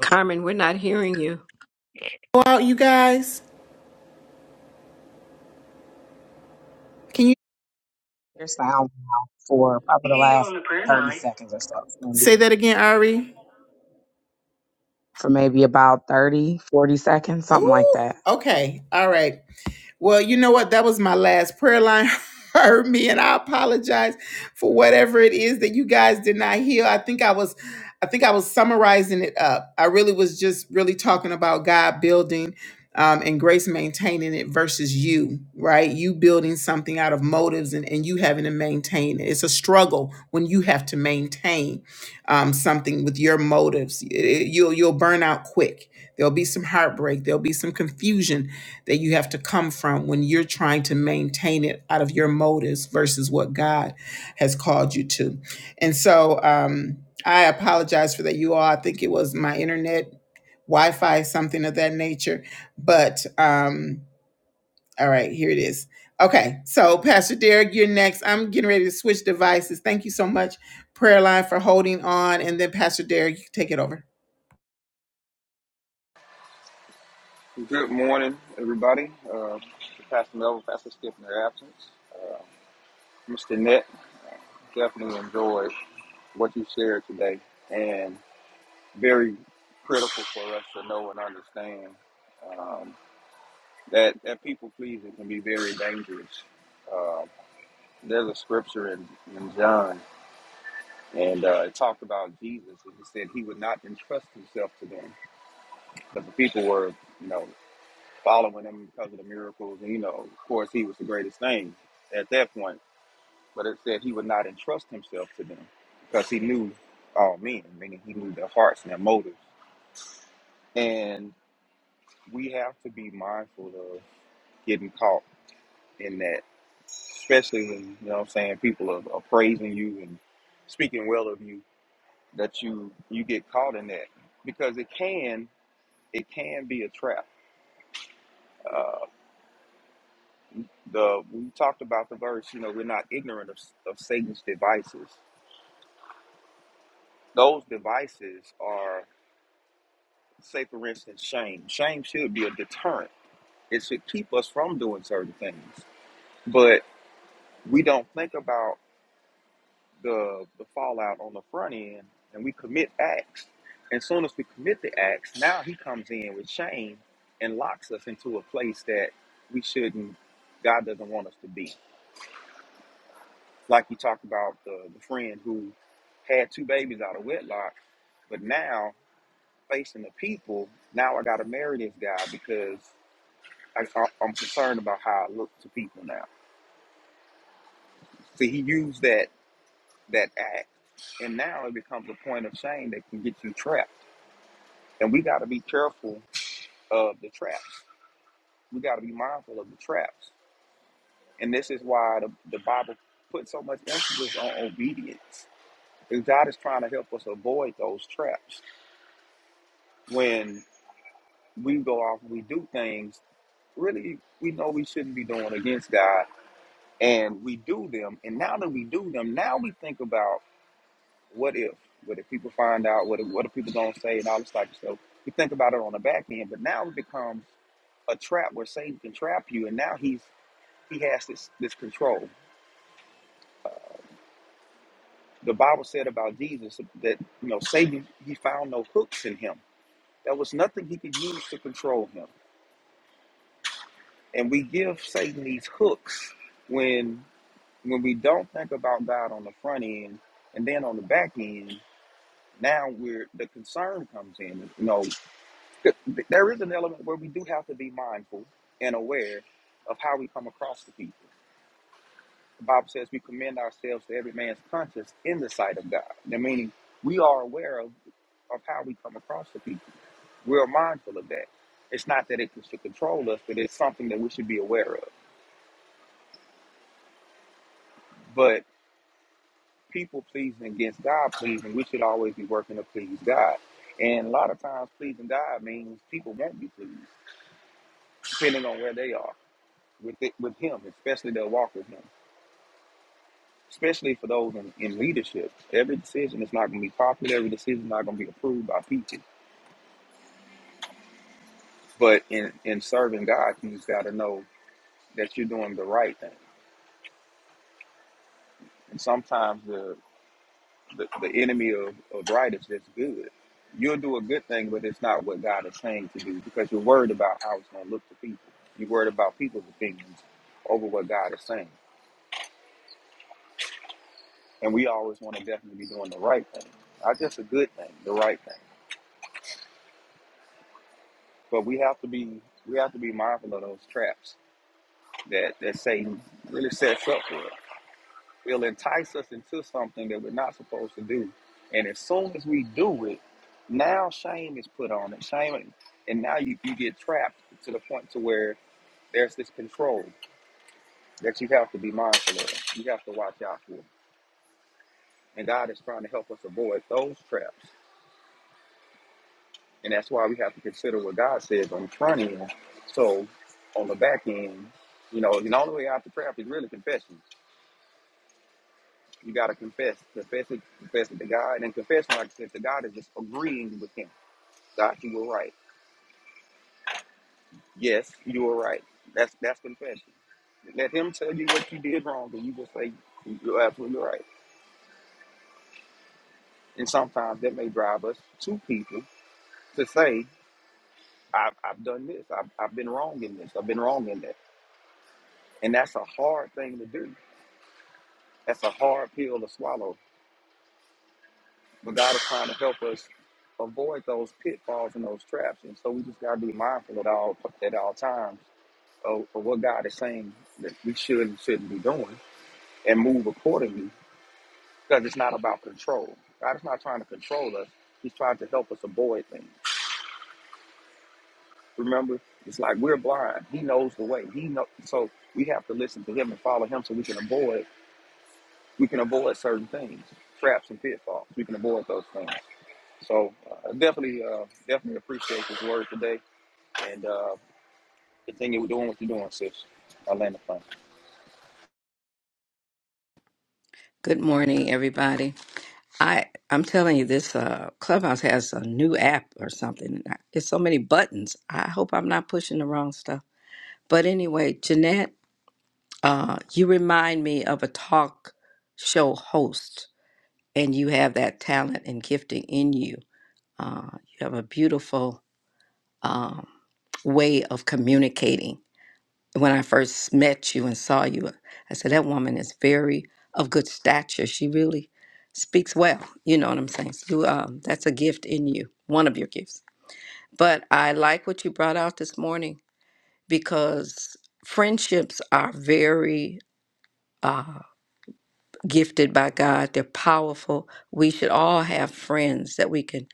S4: Carmen, we're not hearing you.
S1: go out you guys Can you
S5: your sound now for probably
S1: hear
S5: the
S1: You
S5: last
S1: on the prayer
S5: 30
S1: line.
S5: seconds or so.
S1: say
S5: maybe.
S1: that again, Ari?
S5: For maybe about 30, 40 seconds, something like
S1: Oh,
S5: that.
S1: okay. All right. Well, you know what? That was my last prayer line. Heard me, and I apologize for whatever it is that you guys did not hear. I think I was, I think I was summarizing it up. I really was just really talking about God building um, and grace maintaining it versus you, right? You building something out of motives and, and you having to maintain it. It's a struggle when you have to maintain um, something with your motives. It- it- you'll you'll burn out quick. There'll be some heartbreak. There'll be some confusion that you have to come from when you're trying to maintain it out of your motives versus what God has called you to. And so um, I apologize for that, you all. I think it was my internet, Wi Fi, something of that nature. But um, all right, here it is. Okay, so Pastor Derek, you're next. I'm getting ready to switch devices. Thank you so much, Prayer Line, for holding on. And then Pastor Derek, you can take it over.
S6: Good morning, everybody. Uh, Pastor Melvin, Pastor Skip in their absence. Uh, Mr. Net, definitely enjoyed what you shared today and very critical for us to know and understand um, that, that people pleasing can be very dangerous. Um there's a scripture in, in John, and uh, it talked about Jesus, and he said he would not entrust himself to them, but the people were, you know. following him because of the miracles. And, you know, of course, he was the greatest thing at that point. But it said he would not entrust himself to them because he knew all men, meaning he knew their hearts and their motives. And we have to be mindful of getting caught in that, especially when, you know what I'm saying, people are, are praising you and speaking well of you, that you, you get caught in that because it can, it can be a trap. Uh, the we talked about the verse you know we're not ignorant of, of satan's devices those devices are say for instance shame shame should be a deterrent it should keep us from doing certain things but we don't think about the the fallout on the front end and we commit acts and soon as we commit the acts now he comes in with shame and locks us into a place that we shouldn't god doesn't want us to be Like you talked about the, the friend who had two babies out of wedlock, but now facing the people, now I got to marry this guy because I, I, I'm concerned about how I look to people now. So he used that that act, and now it becomes a point of shame that can get you trapped. And we got to be careful of the traps. We got to be mindful of the traps. And this is why the, the Bible puts so much emphasis on obedience. And God is trying to help us avoid those traps. when. we go off and we do things really we know we shouldn't be doing against God, and we do them. And now that we do them, now we think about what if, what if people find out, what if, what if people don't say, and all this type of stuff. We think about it on the back end, but now it becomes a trap where Satan can trap you, and now he's he has this this control. The Bible said about Jesus that you know Satan he found no hooks in him. There was nothing he could use to control him, and we give Satan these hooks when when we don't think about God on the front end and then on the back end, now we're the concern comes in. You know, th- th- there is an element where we do have to be mindful and aware of how we come across to people. The Bible says we commend ourselves to every man's conscience in the sight of God. Now, meaning we are aware of, of how we come across to people. We're mindful of that. It's not that it should control us, but it's something that we should be aware of. people pleasing against God pleasing, we should always be working to please God. And a lot of times, pleasing God means people won't be pleased, depending on where they are with it, with Him, especially their walk with Him. Especially for those in, in leadership, every decision is not going to be popular. Every decision is not going to be approved by people. But in in serving God, you just got to know that you're doing the right thing. And sometimes the the, the enemy of, of right is just good. You'll do a good thing, but it's not what God is saying to do because you're worried about how it's going to look to people. You're worried about people's opinions over what God is saying. And we always want to definitely be doing the right thing, not just a good thing, the right thing. But we have to be we have to be mindful of those traps that that Satan really sets up for us. It'll entice us into something that we're not supposed to do. And as soon as we do it, now shame is put on it. Shame, and now you, you get trapped to the point to where there's this control that you have to be mindful of. You have to watch out for. And God is trying to help us avoid those traps. And that's why we have to consider what God says on the front end. So on the back end, you know, the only way out the trap is really confession. You gotta confess. Confess it, confess it to God. And confession, like I said, to God is just agreeing with him. God, you were right. Yes, you were right. That's that's confession. Let him tell you what you did wrong, and you will say you're absolutely right. And sometimes that may drive us to people to say, I've, I've done this, I've, I've been wrong in this, I've been wrong in that. And that's a hard thing to do. That's a hard pill to swallow. But God is trying to help us avoid those pitfalls and those traps. And so we just gotta be mindful at all at all times of, of what God is saying that we should and shouldn't be doing and move accordingly. Because it's not about control. God is not trying to control us. He's trying to help us avoid things. Remember, it's like we're blind. He knows the way. He know so we have to listen to him and follow him so we can avoid we can avoid certain things, traps and pitfalls. We can avoid those things. So uh, definitely, uh, definitely appreciate this word today, and uh, continue doing what you're doing, sis. I land the plane.
S4: Good morning, everybody. I I'm telling you, this uh, Clubhouse has a new app or something. It's so many buttons. I hope I'm not pushing the wrong stuff. But anyway, Jeanette, uh, you remind me of a talk show host, and you have that talent and gifting in you. Uh, you have a beautiful um, way of communicating. when I first met you and saw you, I said, that woman is very of good stature. She really speaks well. You know what I'm saying? So you, um, that's a gift in you, one of your gifts. But I like what you brought out this morning because friendships are very uh, gifted by God, they're powerful. We should all have friends that we can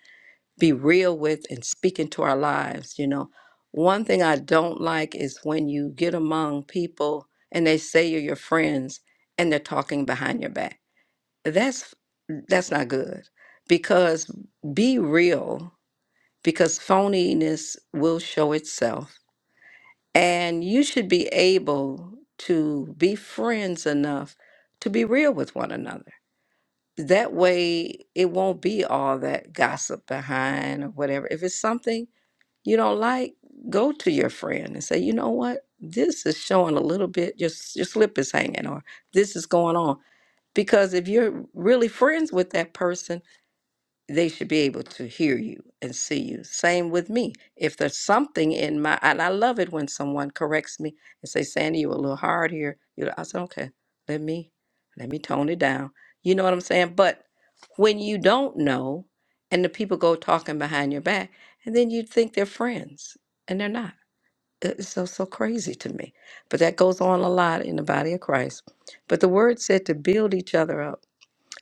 S4: be real with and speak into our lives. You know, one thing I don't like is when you get among people and they say you're your friends and they're talking behind your back. That's that's not good because be real because phoniness will show itself and you should be able to be friends enough to be real with one another that way it won't be all that gossip behind or whatever if it's something you don't like, go to your friend and say, you know what? This is showing a little bit, your, your slip is hanging, or this is going on. Because if you're really friends with that person, they should be able to hear you and see you. Same with me. If there's something in my, and I love it when someone corrects me and say, "Sandy, you were a little hard here." You, know, I said, "Okay, let me, let me tone it down." You know what I'm saying? But when you don't know, and the people go talking behind your back, and then you think they're friends, and they're not. It- It's so so crazy to me. But that goes on a lot in the body of Christ. But the word said to build each other up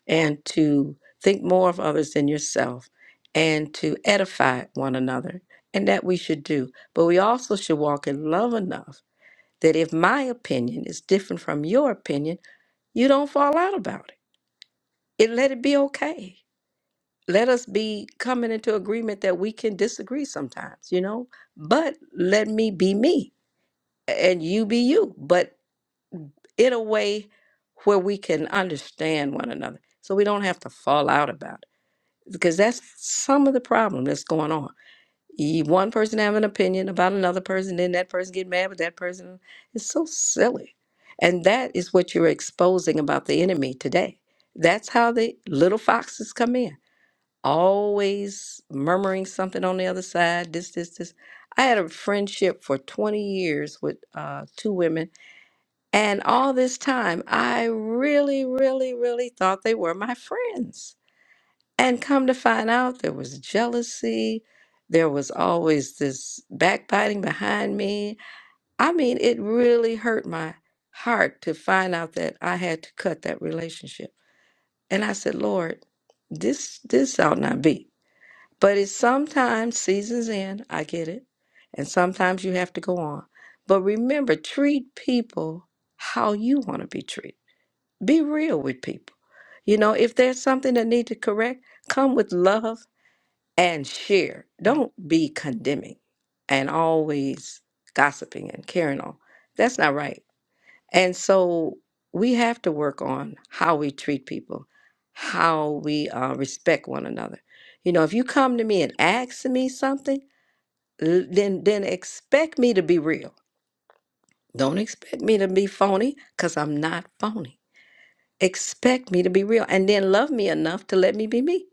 S4: and to think more of others than yourself and to edify one another. And that we should do. But we also should walk in love enough that if my opinion is different from your opinion, you don't fall out about it. It let it be okay. Let us be coming into agreement that we can disagree sometimes, you know, but let me be me and you be you, but in a way where we can understand one another so we don't have to fall out about it. because that's some of the problem that's going on. You, one person have an opinion about another person, then that person get mad with that person. It's so silly, and that is what you're exposing about the enemy today. That's how the little foxes come in, always murmuring something on the other side. This, this, this. I had a friendship for 20 years with uh, two women, and all this time, I really, really, really thought they were my friends. And come to find out, there was jealousy. There was always this backbiting behind me. I mean, it really hurt my heart to find out that I had to cut that relationship. And I said, Lord, this this ought not be. But it's sometimes seasons end, I get it. And sometimes you have to go on. But remember, treat people how you want to be treated. Be real with people. You know, if there's something that need to correct, come with love and share. Don't be condemning and always gossiping and carrying on. That's not right. And so we have to work on how we treat people, how we uh, respect one another. You know, if you come to me and ask me something, l- then then expect me to be real. Don't expect me to be phony because I'm not phony. Expect me to be real and then love me enough to let me be me.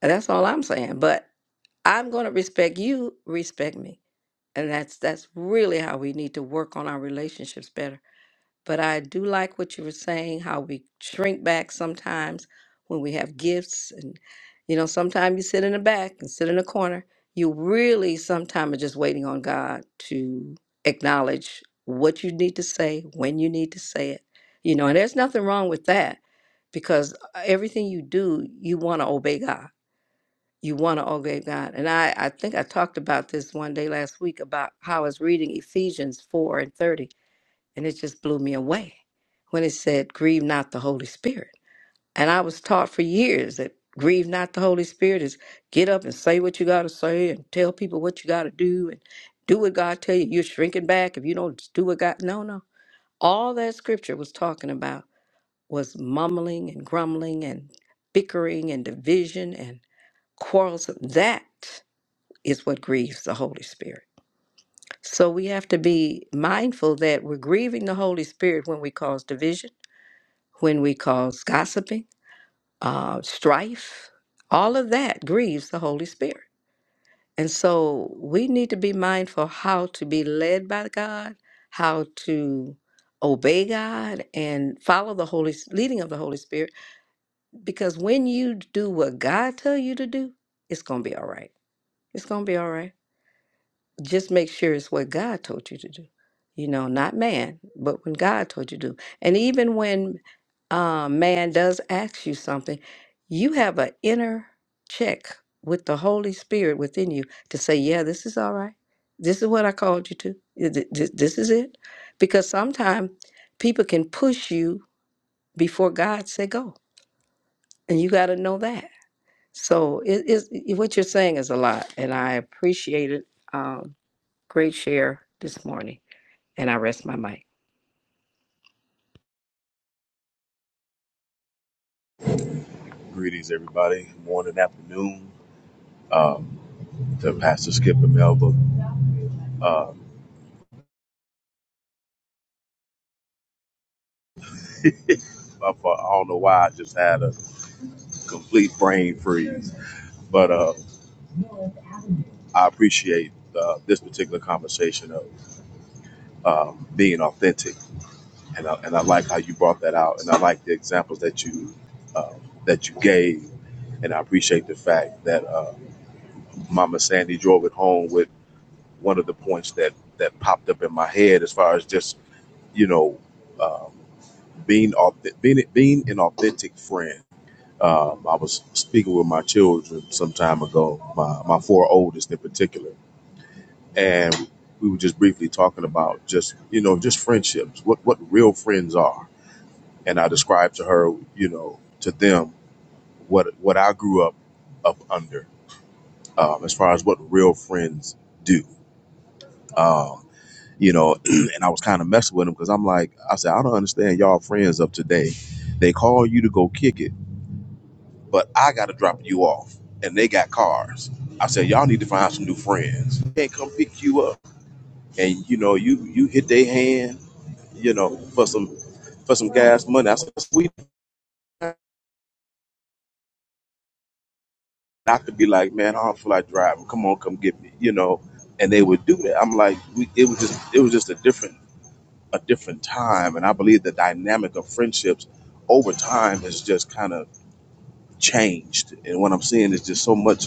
S4: That's all I'm saying. But I'm going to respect you, respect me. and that's that's really how we need to work on our relationships better but i do like what you were saying how we shrink back sometimes when we have gifts and you know sometimes you sit in the back and sit in the corner you really sometimes are just waiting on god to acknowledge what you need to say when you need to say it you know and there's nothing wrong with that because uh, everything you do you want to obey god you want to obey God. And I, I think I talked about this one day last week about how I was reading Ephesians 4 and 30, and it just blew me away when it said, Grieve not the Holy Spirit. And I was taught for years that grieve not the Holy Spirit is get up and say what you got to say and tell people what you got to do and do what God tell you. You're shrinking back if you don't do what God. No, no. All that scripture was talking about was mumbling and grumbling and bickering and division and quarrels. That is what grieves the Holy Spirit. So we have to be mindful that we're grieving the Holy Spirit when we cause division, when we cause gossiping, uh, strife. All of that grieves the Holy Spirit. And so we need to be mindful how to be led by God, how to obey God and follow the Holy leading of the Holy Spirit. Because when you do what God tell you to do, it's gonna be all right. It's gonna be all right just make sure it's what God told you to do. You know, not man, but when God told you to do. And even when uh, man does ask you something, you have an inner check with the Holy Spirit within you to say, yeah, this is all right. This is what I called you to. Th- th- th- This is it. Because sometimes people can push you before God say go. And you got to know that. So it is what you're saying is a lot. And I appreciate it. um, great share this morning, and I rest my mic.
S7: Greetings, everybody. Morning, afternoon. Um, to Pastor Skip and Melba. Um, I f- I don't know why I just had a complete brain freeze, but uh, I appreciate uh, this particular conversation of um, being authentic, and I, and I like how you brought that out, and I like the examples that you uh, that you gave, and I appreciate the fact that uh, Mama Sandy drove it home with one of the points that that popped up in my head as far as just you know. Um, being authentic, being, being an authentic friend. Um, I was speaking with my children some time ago, my, my four oldest in particular, and we were just briefly talking about just you know just friendships, what what real friends are, and I described to her, you know, to them what what I grew up up under um, as far as what real friends do. Um, you know, and I was kind of messing with them because I'm like, I said, I don't understand y'all friends of today. They call you to go kick it but I got to drop you off. And they got cars. I said, y'all need to find some new friends. Can't come pick you up. And you know, you you hit their hand, you know, for some for some gas money. I said, sweet. I could be like, man, I don't feel like driving. Come on, come get me, you know. And they would do that. I'm like, we, it was just it was just a different a different time. And I believe the dynamic of friendships over time has just kind of changed. And what I'm seeing is just so much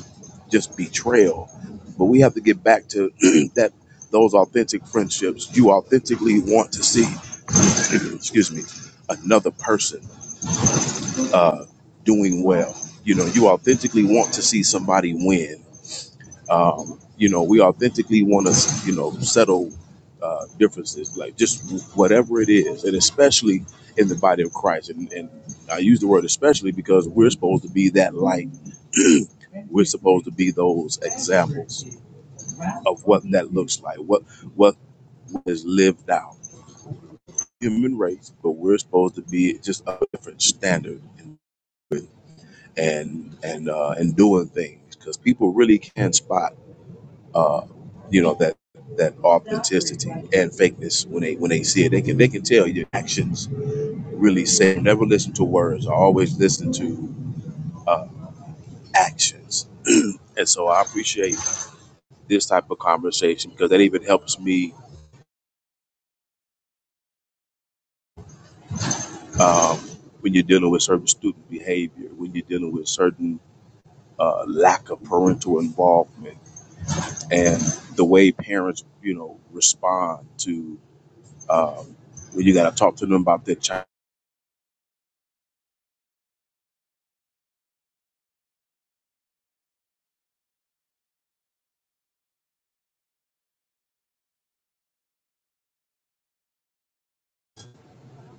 S7: just betrayal. But we have to get back to that those authentic friendships. You authentically want to see, excuse me, another person uh, doing well. You know, you authentically want to see somebody win um, you know, we authentically want to, you know, settle uh, differences, like just whatever it is, and especially in the body of Christ. And, and I use the word especially because we're supposed to be that light. we're supposed to be those examples of what that looks like, what what is lived out. Human race, but we're supposed to be just a different standard and and uh, and doing things because people really can spy. uh, you know that that authenticity and fakeness when they when they see it they can they can tell your actions really say never listen to words I always listen to actions and so i appreciate this type of conversation because that even helps me um, when you're dealing with certain student behavior when you're dealing with certain uh, lack of parental involvement and the way parents you know respond to um, when you got to talk to them about their child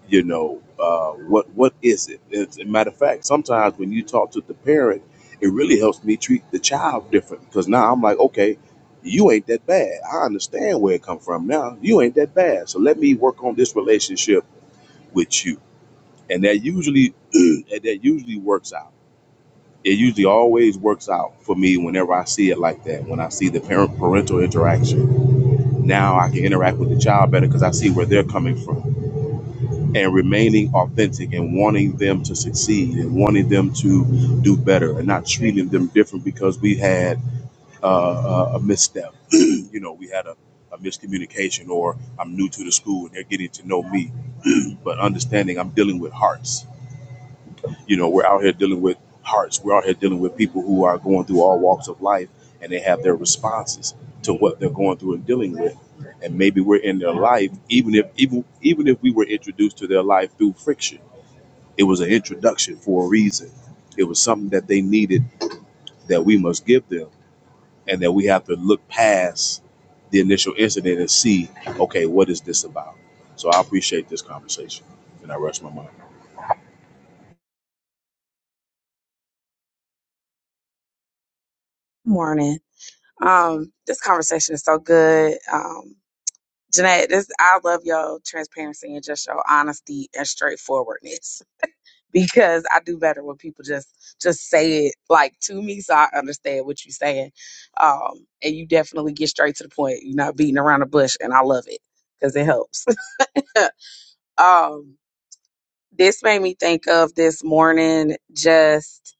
S7: you know uh, what what is it as a matter of fact sometimes when you talk to the parent it really helps me treat the child different because now i'm like okay you ain't that bad i understand where it come from now you ain't that bad so let me work on this relationship with you and that usually and that usually works out it usually always works out for me whenever i see it like that when i see the parent parental interaction now i can interact with the child better because i see where they're coming from and remaining authentic and wanting them to succeed and wanting them to do better and not treating them different because we had uh, a a misstep. you know, we had a, a miscommunication or I'm new to the school and they're getting to know me. But understanding I'm dealing with hearts. You know, we're out here dealing with hearts. We're out here dealing with people who are going through all walks of life and they have their responses to what they're going through and dealing with. And maybe we're in their life, even if even even if we were introduced to their life through friction it was an introduction for a reason. It was something that they needed that we must give them, and that we have to look past the initial incident and see, okay, what is this about? So I appreciate this conversation, and I rest my mind.
S5: Morning. Um, this conversation is so good. Um, Jeanette, this I love your transparency and just your honesty and straightforwardness because I do better when people just just say it like to me so I understand what you're saying. Um, and you definitely get straight to the point. You're not beating around the bush and I love it because it helps. um This made me think of this morning, just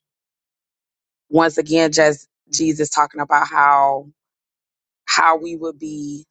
S5: once again, just Jesus talking about how how we would be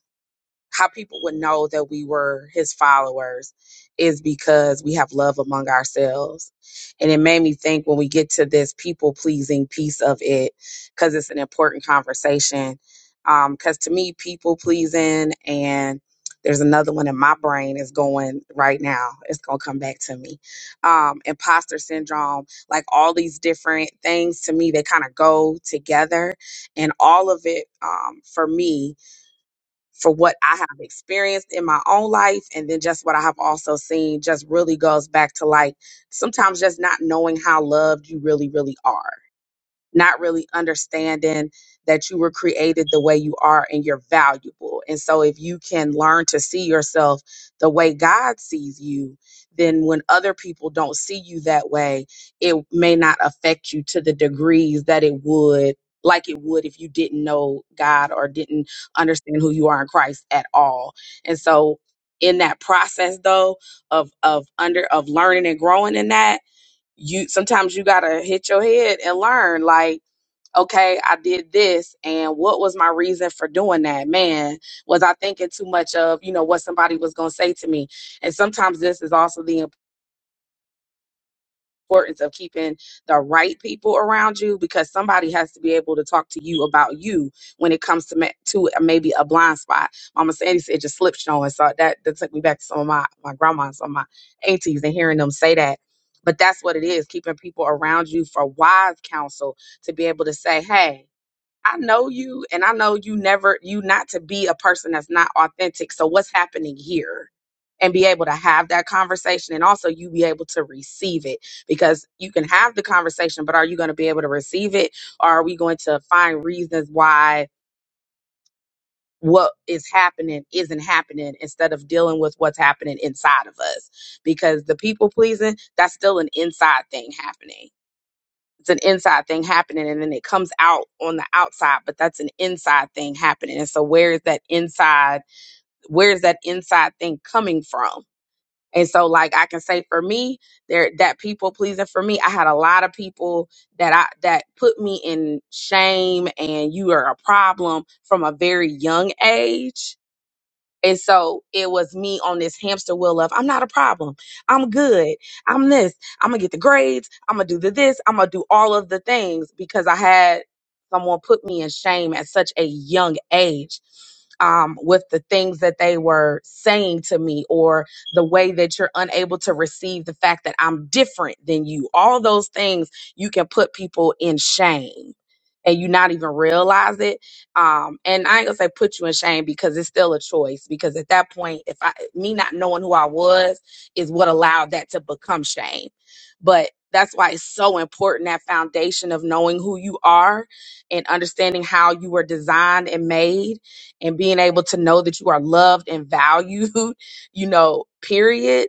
S5: how people would know that we were his followers is because we have love among ourselves. And it made me think when we get to this people pleasing piece of it, because it's an important conversation. Um, Because to me, people pleasing and there's another one in my brain is going right now. It's gonna come back to me. Um, imposter syndrome, like all these different things to me, they kind of go together, and all of it um, for me for what I have experienced in my own life and then just what I have also seen just really goes back to like sometimes just not knowing how loved you really really are not really understanding that you were created the way you are and you're valuable. And so, if you can learn to see yourself the way God sees you, then when other people don't see you that way, it may not affect you to the degrees that it would. Like it would if you didn't know God or didn't understand who you are in Christ at all. And so, in that process, though, of of under of learning and growing in that, you sometimes you gotta hit your head and learn. Like okay, I did this, and what was my reason for doing that? Man, was I thinking too much of, you know, what somebody was going to say to me? And sometimes this is also the importance of keeping the right people around you because somebody has to be able to talk to you about you when it comes to ma- to uh, maybe a blind spot. Mama Sandy said just slip showing, so that that took me back to some of my my grandma and some of my aunties and hearing them say that. But that's what it is, keeping people around you for wise counsel to be able to say, hey. I know you and I know you never you not to be a person that's not authentic. So what's happening here? And be able to have that conversation and also you be able to receive it because you can have the conversation, but are you going to be able to receive it? Or are we going to find reasons why what is happening isn't happening instead of dealing with what's happening inside of us? Because the people pleasing, that's still an inside thing happening it's an inside thing happening and then it comes out on the outside but that's an inside thing happening and so where is that inside where is that inside thing coming from and so like i can say for me there that people pleasing for me i had a lot of people that i that put me in shame and you are a problem from a very young age and so it was me on this hamster wheel of I'm not a problem. I'm good. I'm this. I'm gonna get the grades. I'm gonna do the this. I'm gonna do all of the things because I had someone put me in shame at such a young age um, with the things that they were saying to me or the way that you're unable to receive the fact that I'm different than you. All those things you can put people in shame and you not even realize it um, and I ain't gonna say put you in shame because it's still a choice. Because at that point, if I me not knowing who I was is what allowed that to become shame. But that's why it's so important that foundation of knowing who you are and understanding how you were designed and made and being able to know that you are loved and valued, you know, period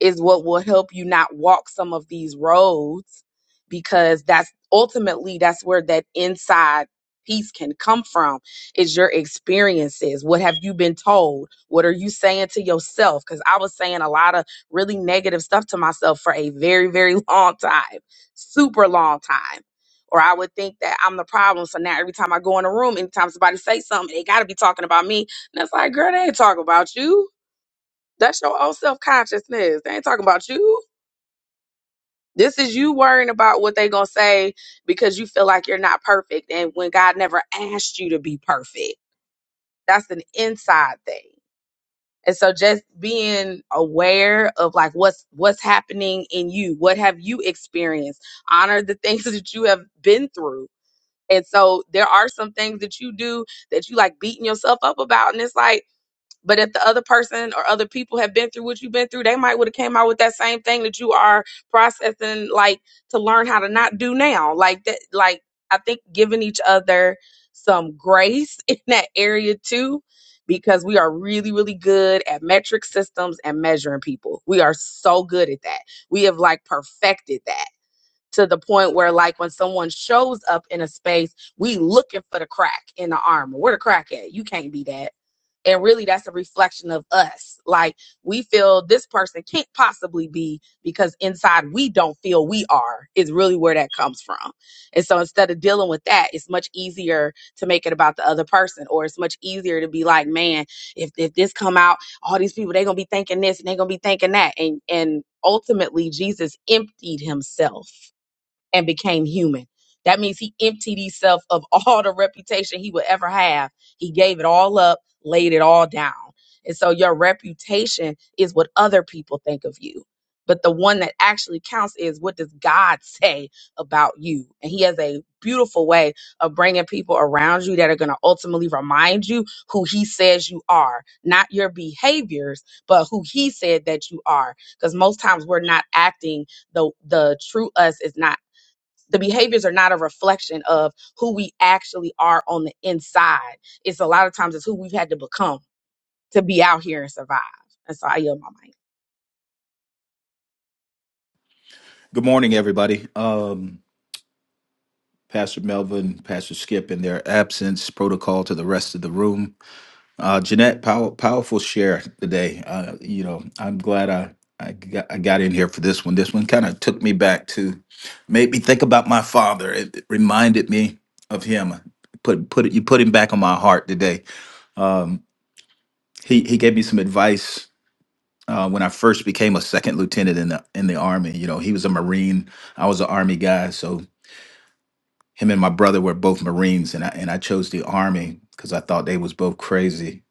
S5: is what will help you not walk some of these roads because that's ultimately that's where that inside peace can come from is your experiences what have you been told what are you saying to yourself because i was saying a lot of really negative stuff to myself for a very very long time super long time or i would think that i'm the problem so now every time i go in a room anytime somebody say something they got to be talking about me and it's like girl they ain't talking about you that's your own self consciousness. They ain't talking about you. This is you worrying about what they gonna say because you feel like you're not perfect, and when God never asked you to be perfect, that's an inside thing. And so, just being aware of like what's what's happening in you, what have you experienced? Honor the things that you have been through. And so, there are some things that you do that you like beating yourself up about, and it's like But if the other person or other people have been through what you've been through, they might would have came out with that same thing that you are processing, like to learn how to not do now. Like that, like I think giving each other some grace in that area too, because we are really, really good at metric systems and measuring people. We are so good at that. We have like perfected that to the point where like when someone shows up in a space, we looking for the crack in the armor. Where the crack at? You can't be that and really that's a reflection of us like we feel this person can't possibly be because inside we don't feel we are is really where that comes from and so instead of dealing with that it's much easier to make it about the other person or it's much easier to be like man if, if this come out all these people they're gonna be thinking this and they're gonna be thinking that and and ultimately jesus emptied himself and became human. That means he emptied himself of all the reputation he would ever have. He gave it all up, laid it all down. And so your reputation is what other people think of you. But the one that actually counts is what does God say about you? And he has a beautiful way of bringing people around you that are going to ultimately remind you who he says you are, not your behaviors, but who he said that you are. Because most times we're not acting the the true us is not the behaviors are not a reflection of who we actually are on the inside. It's a lot of times it's who we've had to become to be out here and survive. And so I yield my mic.
S8: Good morning, everybody. Um, Pastor Melvin, Pastor Skip, in their absence, protocol to the rest of the room. Uh, Jeanette, pow- powerful share today. Uh, you know, I'm glad I I got, I got in here for this one. This one kind of took me back to, made me think about my father. It, it reminded me of him. Put put it, you put him back on my heart today. Um, he he gave me some advice. Uh, when I first became a second lieutenant in the in the army, you know, he was a Marine. I was an Army guy, so him and my brother were both Marines, and I and I chose the Army because I thought they was both crazy,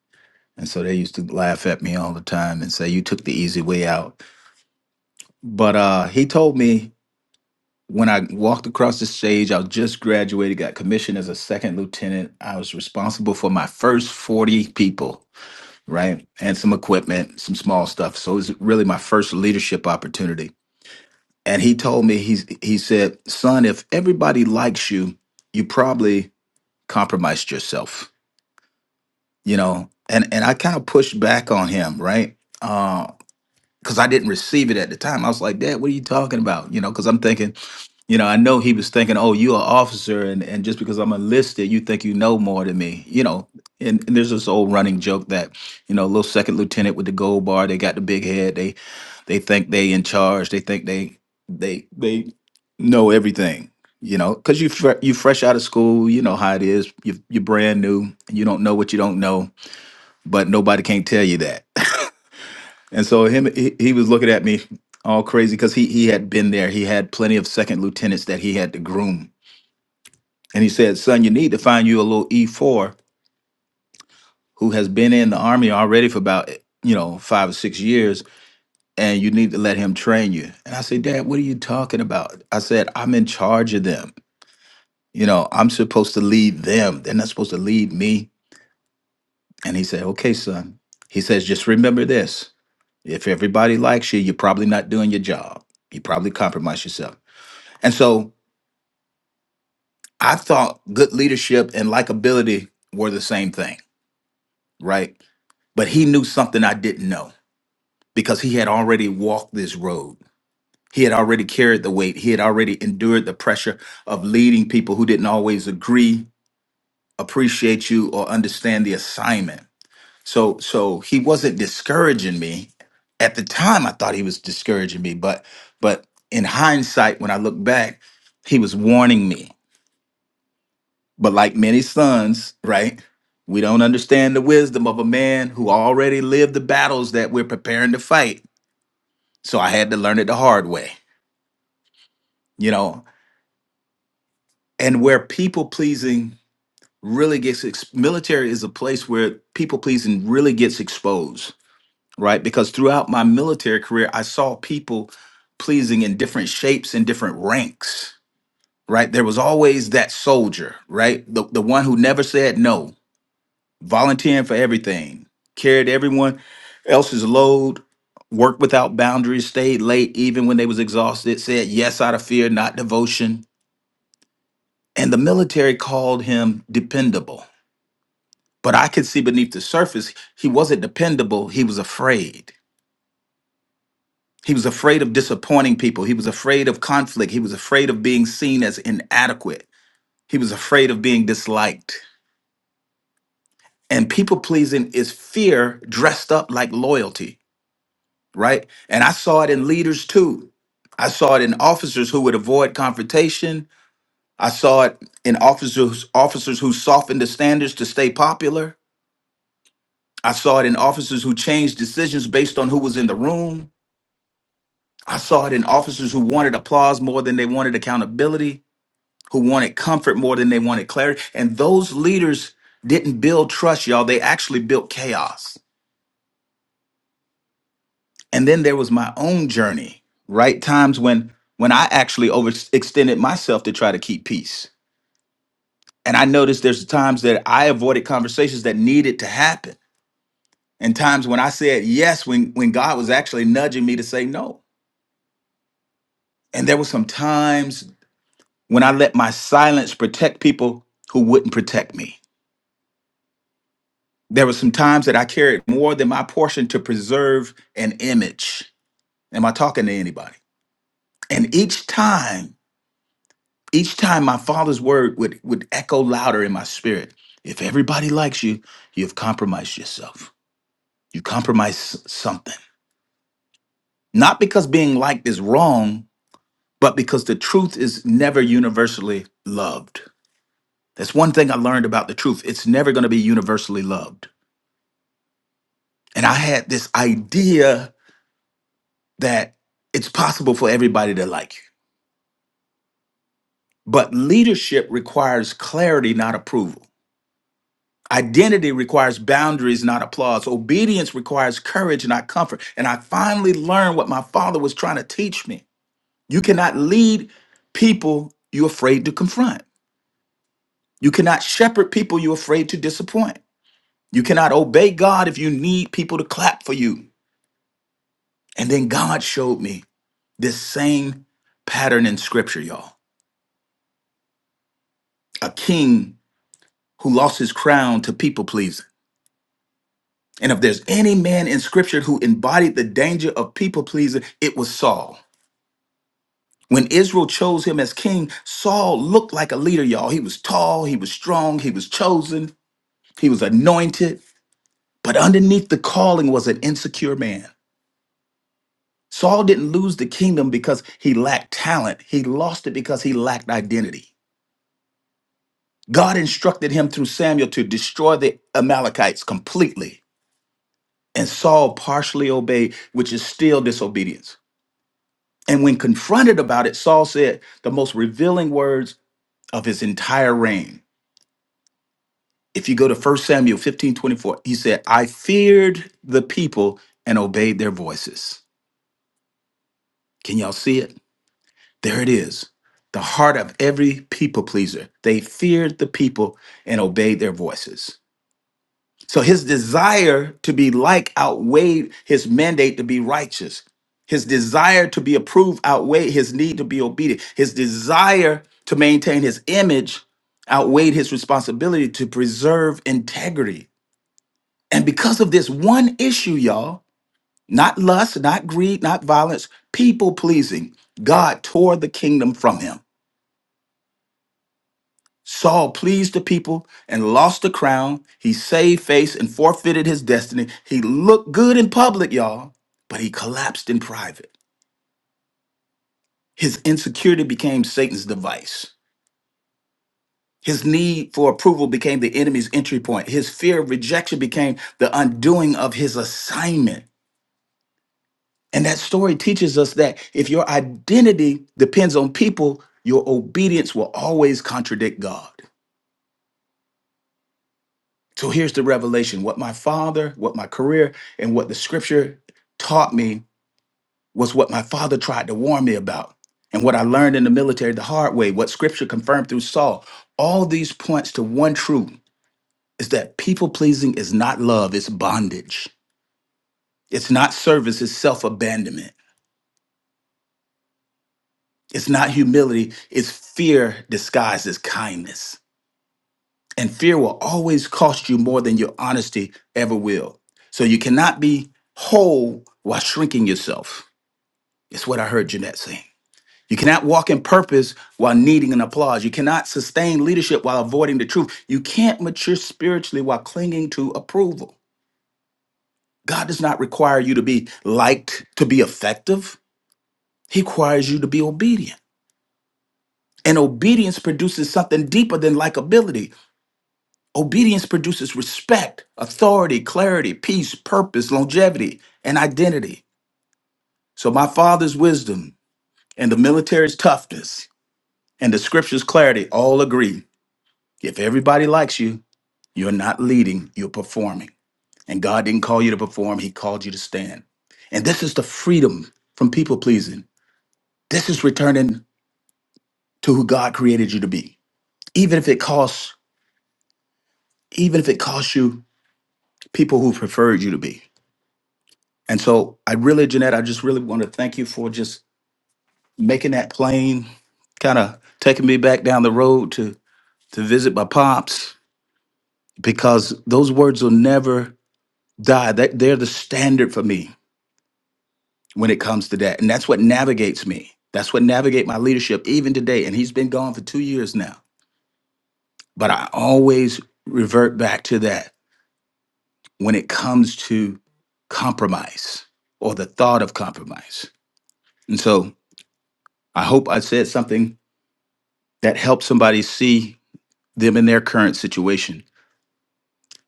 S8: and so they used to laugh at me all the time and say, "You took the easy way out." But uh, he told me when I walked across the stage, I just graduated, got commissioned as a second lieutenant. I was responsible for my first forty people, right, and some equipment, some small stuff. So it was really my first leadership opportunity. And he told me he's he said, "Son, if everybody likes you, you probably compromised yourself." you know and and i kind of pushed back on him right because i didn't receive it at the time i was like dad what are you talking about you know because i'm thinking you know i know he was thinking oh you're an officer and, and just because i'm enlisted you think you know more than me you know and, and there's this old running joke that you know little second lieutenant with the gold bar they got the big head they they think they in charge they think they they they know everything you know because you fre- you fresh out of school you know how it is you, you're brand new and you don't know what you don't know but nobody can't tell you that. And so him, he, he was looking at me all crazy because he he had been there. He had plenty of second lieutenants that he had to groom. And he said, "Son, you need to find you a little E four who has been in the army already for about you know five or six years, and you need to let him train you." And I said, "Dad, what are you talking about?" I said, "I'm in charge of them. You know, I'm supposed to lead them. They're not supposed to lead me." And he said, "Okay, son." He says, "Just remember this." If everybody likes you, you're probably not doing your job. You probably compromise yourself. And so I thought good leadership and likability were the same thing, right? But he knew something I didn't know because he had already walked this road. He had already carried the weight. He had already endured the pressure of leading people who didn't always agree, appreciate you, or understand the assignment. So so he wasn't discouraging me. At the time I thought he was discouraging me, but but in hindsight when I look back, he was warning me. But like many sons, right? We don't understand the wisdom of a man who already lived the battles that we're preparing to fight. So I had to learn it the hard way, you know. And where people pleasing really gets ex- military is a place where people pleasing really gets exposed right? Because throughout my military career, I saw people pleasing in different shapes and different ranks, right? There was always that soldier, right? The, the one who never said no, volunteering for everything, carried everyone else's load, worked without boundaries, stayed late even when they was exhausted, said yes out of fear, not devotion. And the military called him dependable. But I could see beneath the surface, he wasn't dependable, he was afraid He was afraid of disappointing people. He was afraid of conflict. He was afraid of being seen as inadequate. He was afraid of being disliked. And people pleasing is fear dressed up like loyalty, right? And I saw it in leaders too. I saw it in officers who would avoid confrontation. I saw it in officers officers who softened the standards to stay popular. I saw it in officers who changed decisions based on who was in the room. I saw it in officers who wanted applause more than they wanted accountability. who wanted comfort more than they wanted clarity. And those leaders didn't build trust, y'all. They actually built chaos. And then there was my own journey, right? Times when when I actually overextended myself to try to keep peace. And I noticed there's times that I avoided conversations that needed to happen. And times when I said yes when when God was actually nudging me to say no. And there were some times when I let my silence protect people who wouldn't protect me There were some times that I carried more than my portion to preserve an image. Am I talking to anybody? And each time, each time my father's word would, would echo louder in my spirit. If everybody likes you, you've compromised yourself. You compromise something. Not because being liked is wrong, but because the truth is never universally loved. That's one thing I learned about the truth. It's never going to be universally loved. And I had this idea that it's possible for everybody to like you. But leadership requires clarity, not approval. Identity requires boundaries, not applause. Obedience requires courage, not comfort. And I finally learned what my father was trying to teach me. You cannot lead people you're afraid to confront. You cannot shepherd people you're afraid to disappoint. You cannot obey God if you need people to clap for you. And then God showed me this same pattern in scripture, y'all. A king who lost his crown to people pleasing. And if there's any man in scripture who embodied the danger of people pleasing, it was Saul. When Israel chose him as king, Saul looked like a leader, y'all. He was tall, he was strong, he was chosen, he was anointed. But underneath the calling was an insecure man. Saul didn't lose the kingdom because he lacked talent, he lost it because he lacked identity. God instructed him through Samuel to destroy the Amalekites completely And Saul partially obeyed, which is still disobedience. And when confronted about it, Saul said the most revealing words of his entire reign. If you go to First Samuel 15 24, he said, I feared the people and obeyed their voices. Can y'all see it? There it is. The heart of every people pleaser. They feared the people and obeyed their voices. So his desire to be like outweighed his mandate to be righteous. His desire to be approved outweighed his need to be obedient. His desire to maintain his image outweighed his responsibility to preserve integrity. And because of this one issue, y'all, not lust, not greed, not violence, people pleasing, God tore the kingdom from him. Saul pleased the people and lost the crown. He saved face and forfeited his destiny. He looked good in public, y'all, but he collapsed in private. His insecurity became Satan's device. His need for approval became the enemy's entry point. His fear of rejection became the undoing of his assignment. And that story teaches us that if your identity depends on people, your obedience will always contradict God. So here's the revelation what my father, what my career, and what the scripture taught me was what my father tried to warn me about. And what I learned in the military the hard way, what scripture confirmed through Saul. All these points to one truth is that people pleasing is not love, it's bondage. It's not service, it's self abandonment. It's not humility, it's fear disguised as kindness. And fear will always cost you more than your honesty ever will. So you cannot be whole while shrinking yourself. It's what I heard Jeanette saying. You cannot walk in purpose while needing an applause. You cannot sustain leadership while avoiding the truth. You can't mature spiritually while clinging to approval. God does not require you to be liked to be effective. He requires you to be obedient. And obedience produces something deeper than likability. Obedience produces respect, authority, clarity, peace, purpose, longevity, and identity. So my father's wisdom and the military's toughness and the scripture's clarity all agree. If everybody likes you, you're not leading, you're performing. And God didn't call you to perform, He called you to stand. And this is the freedom from people pleasing. This is returning to who God created you to be. Even if it costs, even if it costs you people who preferred you to be. And so I really, Jeanette, I just really want to thank you for just making that plain, kind of taking me back down the road to to visit my pops, because those words will never die. That they're the standard for me when it comes to that. And that's what navigates me. That's what navigate my leadership even today. And he's been gone for two years now. But I always revert back to that when it comes to compromise or the thought of compromise. And so I hope I said something that help somebody see them in their current situation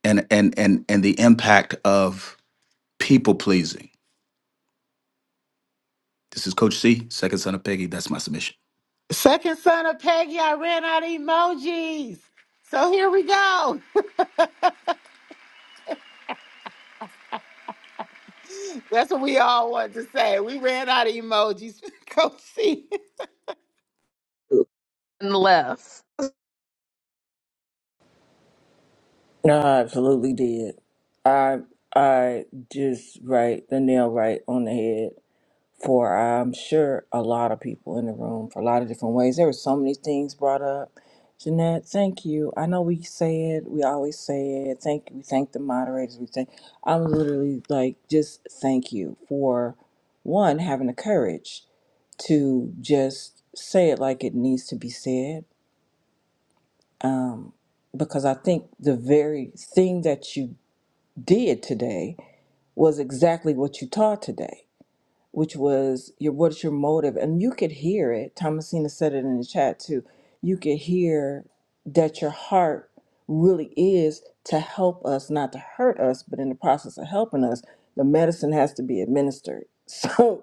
S8: and and and and the impact of people pleasing. This is Coach C, second son of Peggy. That's my submission.
S1: Second son of Peggy, I ran out of emojis. So here we go. That's what we all want to say. We ran out of emojis. Coach C.
S9: No, I absolutely did. I I just right the nail right on the head for I'm sure a lot of people in the room for a lot of different ways. There were so many things brought up. Jeanette, thank you. I know we say it, we always say it. Thank you. We thank the moderators. We thank I'm literally like just thank you for one, having the courage to just say it like it needs to be said. Um, because I think the very thing that you did today was exactly what you taught today, which was your what's your motive, and you could hear it. Thomasina said it in the chat too. You could hear that your heart really is to help us, not to hurt us, but in the process of helping us, the medicine has to be administered. So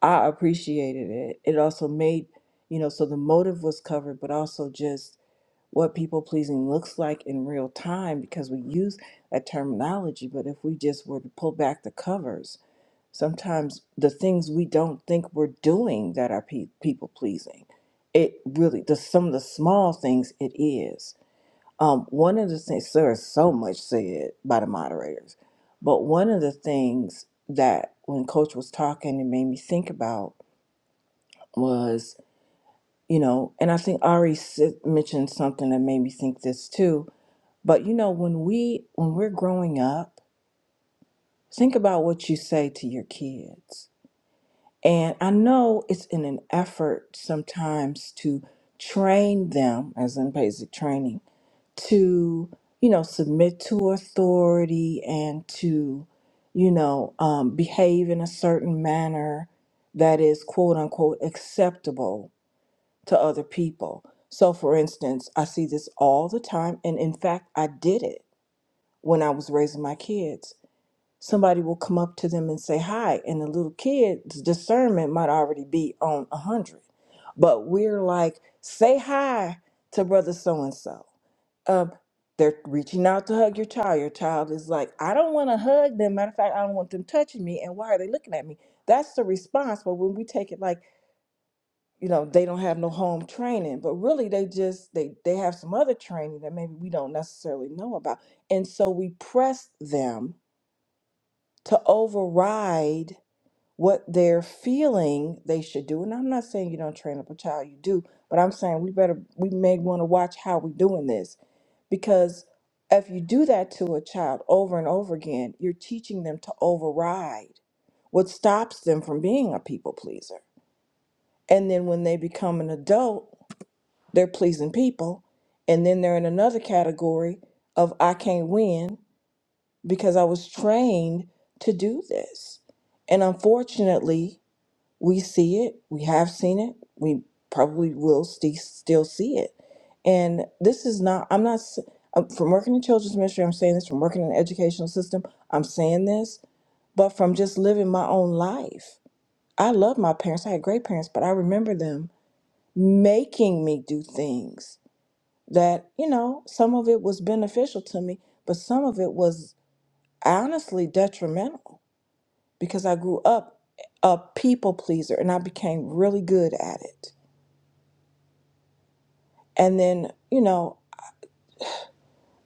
S9: I appreciated it. It also made you know so the motive was covered, but also just what people pleasing looks like in real time because we use that terminology. But if we just were to pull back the covers, sometimes the things we don't think we're doing that are pe- people pleasing, it really, the, some of the small things it is. Um, one of the things, there is so much said by the moderators, but one of the things that when Coach was talking, it made me think about was, you know, and I think Ari said- mentioned something that made me think this too but you know, when we when we're growing up, think about what you say to your kids. And I know it's in an effort sometimes to train them, as in basic training, to, you know, submit to authority and to, you know, um, behave in a certain manner that is quote unquote acceptable to other people. So, for instance, I see this all the time. And in fact, I did it when I was raising my kids. Somebody will come up to them and say hi, and the little kid's discernment might already be on a 100. But we're like, say hi to brother so and so. Um, They're reaching out to hug your child. Your child is like, I don't want to hug them. Matter of fact, I don't want them touching me. And why are they looking at me? That's the response. But when we take it like, you know they don't have no home training but really they just they they have some other training that maybe we don't necessarily know about and so we press them to override what they're feeling they should do and i'm not saying you don't train up a child you do but i'm saying we better we may want to watch how we're doing this because if you do that to a child over and over again you're teaching them to override what stops them from being a people pleaser and then when they become an adult they're pleasing people. And then they're in another category of I can't win because I was trained to do this. And unfortunately, we see it, we have seen it, we probably will st- still see it. And this is not, I'm not, s- um, from working in children's ministry, I'm saying this, from working in the educational system, I'm saying this, but from just living my own life. I love my parents, I had great parents, but I remember them making me do things that you know some of it was beneficial to me but some of it was honestly detrimental because i grew up a people pleaser and i became really good at it and then you know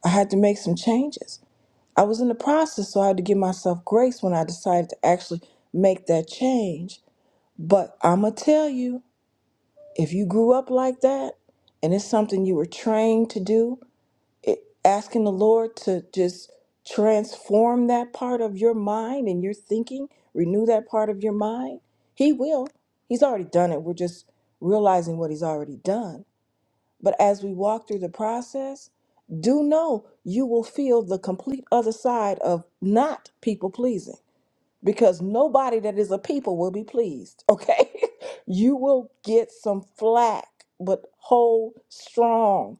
S9: i had to make some changes i was in the process so i had to give myself grace when i decided to actually make that change but i'm gonna tell you if you grew up like that and it's something you were trained to do it, asking the Lord to just transform that part of your mind and your thinking, renew that part of your mind, He will. He's already done it. We're just realizing what He's already done. But as we walk through the process, do know you will feel the complete other side of not people pleasing because nobody that is a people will be pleased, okay? you will get some flack, but hold strong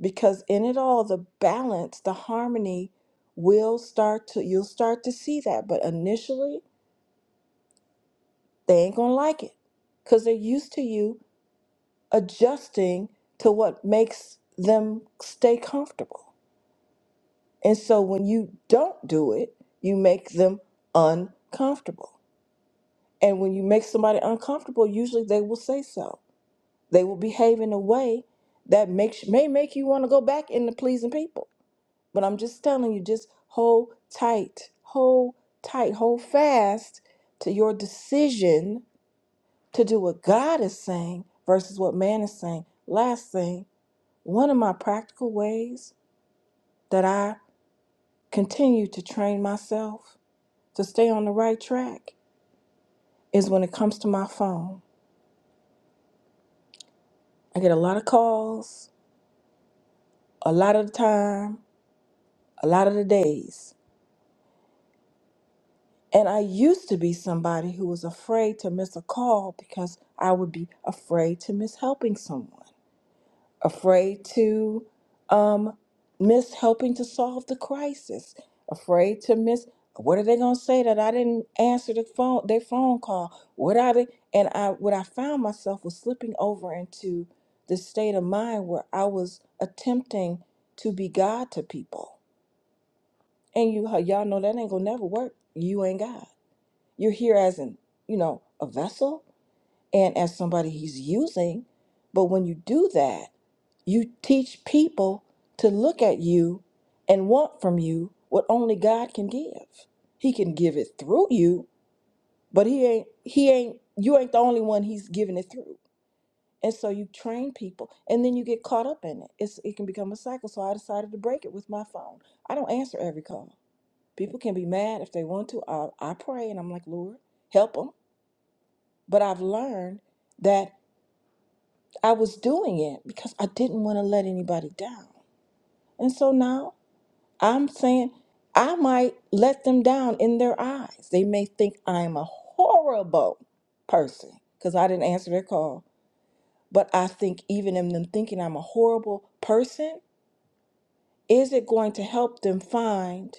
S9: because in it all the balance the harmony will start to you'll start to see that but initially they ain't gonna like it because they're used to you adjusting to what makes them stay comfortable and so when you don't do it you make them uncomfortable and when you make somebody uncomfortable usually they will say so they will behave in a way that makes may make you want to go back into pleasing people But I'm just telling you, just hold tight, hold tight, hold fast to your decision to do what God is saying versus what man is saying. Last thing, one of my practical ways that I continue to train myself to stay on the right track is when it comes to my phone. I get a lot of calls, a lot of the time, a lot of the days. And I used to be somebody who was afraid to miss a call because I would be afraid to miss helping someone, afraid to um, miss helping to solve the crisis, afraid to miss what are they going to say that I didn't answer the phone their phone call? What are they? and I what I found myself was slipping over into this state of mind where I was attempting to be God to people, and you y'all know that ain't gonna never work. You ain't God you're here as an, you know, a vessel and as somebody he's using. But when you do that, you teach people to look at you and want from you what only God can give. He can give it through you, but he ain't he ain't you ain't the only one he's giving it through. And so you train people and then you get caught up in it. It's it can become a cycle. So I decided to break it with my phone. I don't answer every call. People can be mad if they want to. I, I pray and I'm like, Lord, help them. But I've learned that I was doing it because I didn't want to let anybody down. And so now I'm saying I might let them down in their eyes. They may think I'm a horrible person because I didn't answer their call. But I think even in them thinking I'm a horrible person, is it going to help them find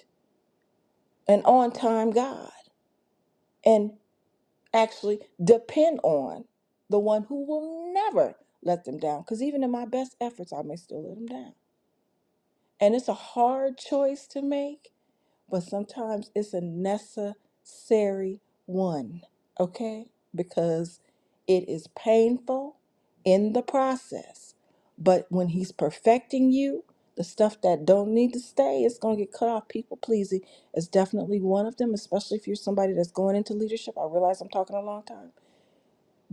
S9: an on time God? And actually depend on the one who will never let them down. Because even in my best efforts, I may still let them down. And it's a hard choice to make, but sometimes it's a necessary one, okay? Because it is painful in the process. But when he's perfecting you, the stuff that don't need to stay is going to get cut off. People pleasing is definitely one of them, especially if you're somebody that's going into leadership. I realize I'm talking a long time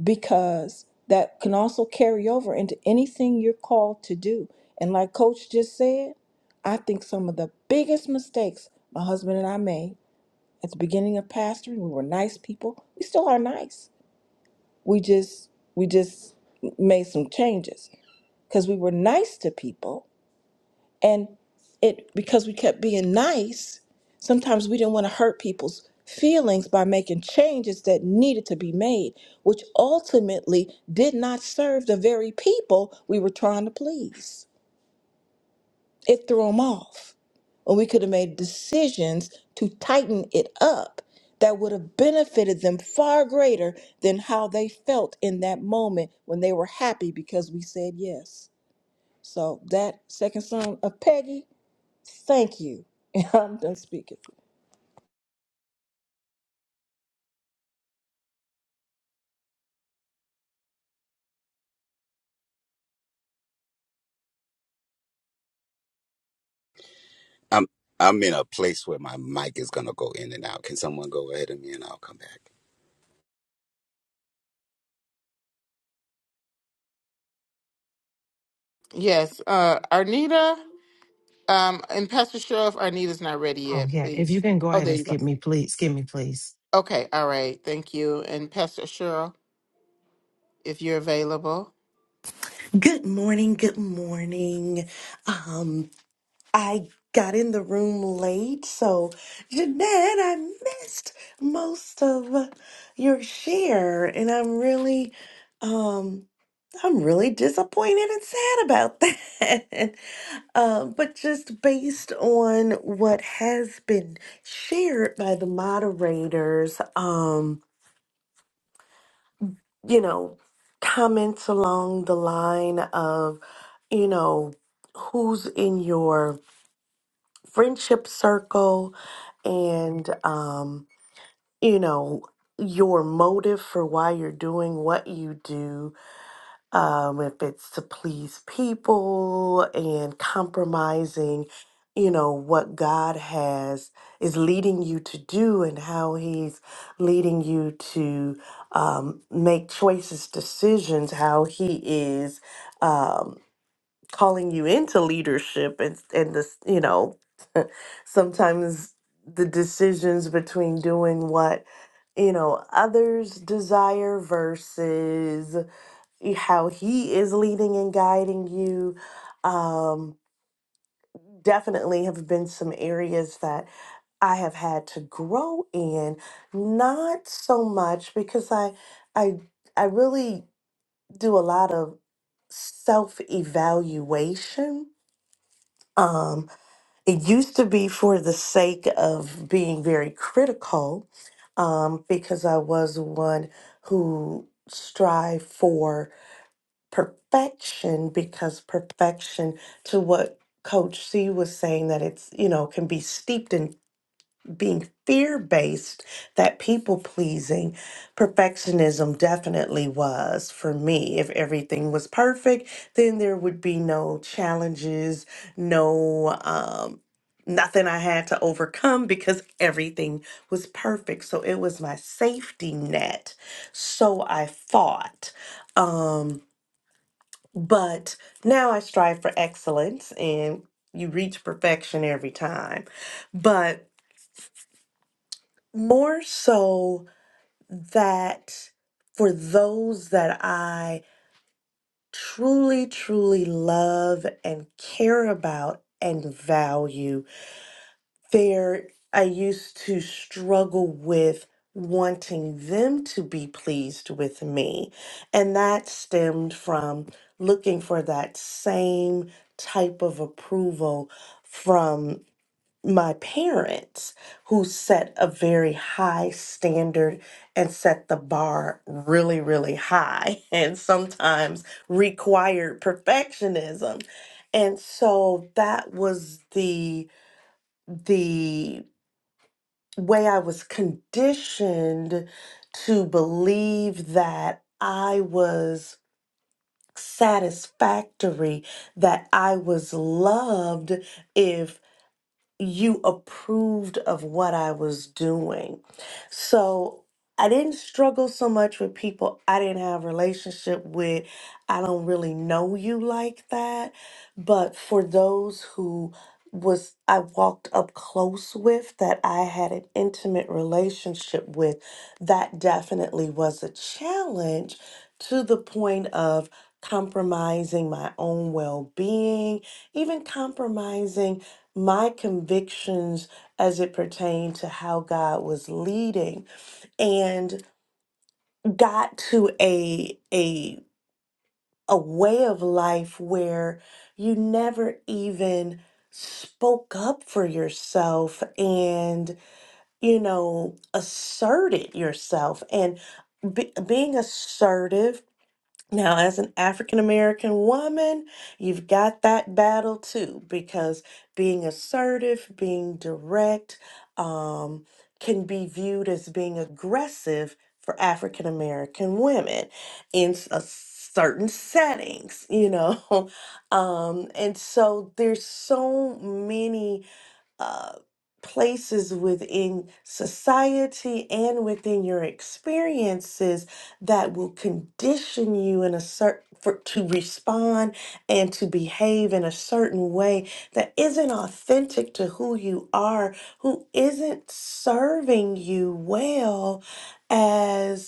S9: because that can also carry over into anything you're called to do. And like Coach just said, I think some of the biggest mistakes my husband and I made at the beginning of pastoring, we were nice people. We still are nice. We just we just made some changes because we were nice to people and it because we kept being nice, sometimes we didn't want to hurt people's feelings by making changes that needed to be made, which ultimately did not serve the very people we were trying to please. It threw them off. When we could have made decisions to tighten it up that would have benefited them far greater than how they felt in that moment when they were happy because we said yes. So that second son of Peggy Thank you. I'm done speaking.
S10: I'm I'm in a place where my mic is gonna go in and out. Can someone go ahead of me and I'll come back?
S1: Yes, uh, Arnita um, and Pastor Cheryl, if Arnita's not ready
S11: Oh
S1: yet,
S11: yeah. If you
S1: please.
S11: can go
S1: Oh,
S11: ahead
S1: there
S11: and
S1: you go.
S11: skip me, please. Skip me, please.
S1: Okay, all right. Thank you. And Pastor Cheryl, if you're available.
S12: Good morning. Good morning. Um, I got in the room late, so Jeanette, I missed most of your share, and I'm really, um, I'm really disappointed and sad about that. um, but just based on what has been shared by the moderators, um, you know, comments along the line of, you know, who's in your friendship circle and, um, you know, your motive for why you're doing what you do um, if it's to please people and compromising, you know, what God has is leading you to do and how He's leading you to um, make choices, decisions, how He is. Um, calling you into leadership and and this you know sometimes the decisions between doing what you know others desire versus how he is leading and guiding you. Um, definitely have been some areas that I have had to grow in, not so much because I I I really do a lot of self-evaluation. Um, it used to be for the sake of being very critical, um, because I was one who strive for perfection because perfection to what coach c was saying that it's you know can be steeped in being fear based that people pleasing perfectionism definitely was for me if everything was perfect then there would be no challenges no um nothing i had to overcome because everything was perfect so it was my safety net so i thought Um, but now I strive for excellence, and you reach perfection every time. But more so that for those that I truly, truly love and care about and value. there I used to struggle with wanting them to be pleased with me. And that stemmed from looking for that same type of approval from my parents, who set a very high standard and set the bar really, really high, and sometimes required perfectionism. And so that was the the way I was conditioned to believe that I was satisfactory, that I was loved if you approved of what I was doing. So I didn't struggle so much with people I didn't have relationship with. I don't really know you like that. But for those who was I walked up close with that I had an intimate relationship with, that definitely was a challenge to the point of compromising my own well-being, even compromising my convictions as it pertained to how God was leading and got to a a a way of life where you never even spoke up for yourself and you know asserted yourself and be, being assertive Now, as an African American woman, you've got that battle too, because being assertive, being direct, um, can be viewed as being aggressive for African American women in s- a certain settings, you know. Um, and so there's so many uh, places within society and within your experiences that will condition you in a certain for, to respond and to behave in a certain way that isn't authentic to who you are who isn't serving you well as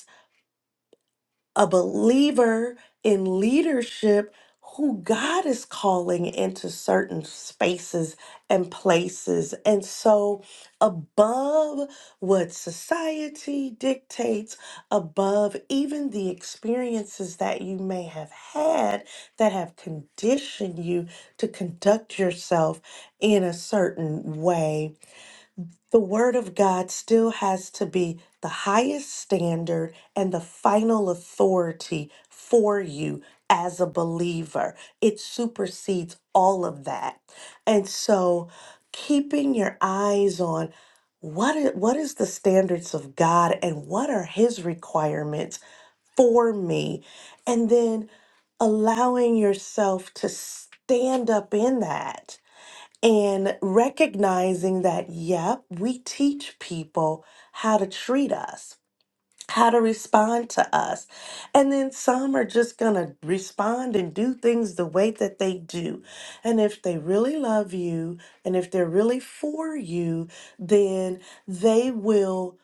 S12: a believer in leadership who God is calling into certain spaces and places. And so, above what society dictates, above even the experiences that you may have had that have conditioned you to conduct yourself in a certain way the Word of God still has to be the highest standard and the final authority for you as a believer. It supersedes all of that. And so, keeping your eyes on what is, what is the standards of God and what are his requirements for me and then allowing yourself to stand up in that and recognizing that, yep, we teach people how to treat us, how to respond to us. And then some are just going to respond and do things the way that they do. And if they really love you and if they're really for you, then they will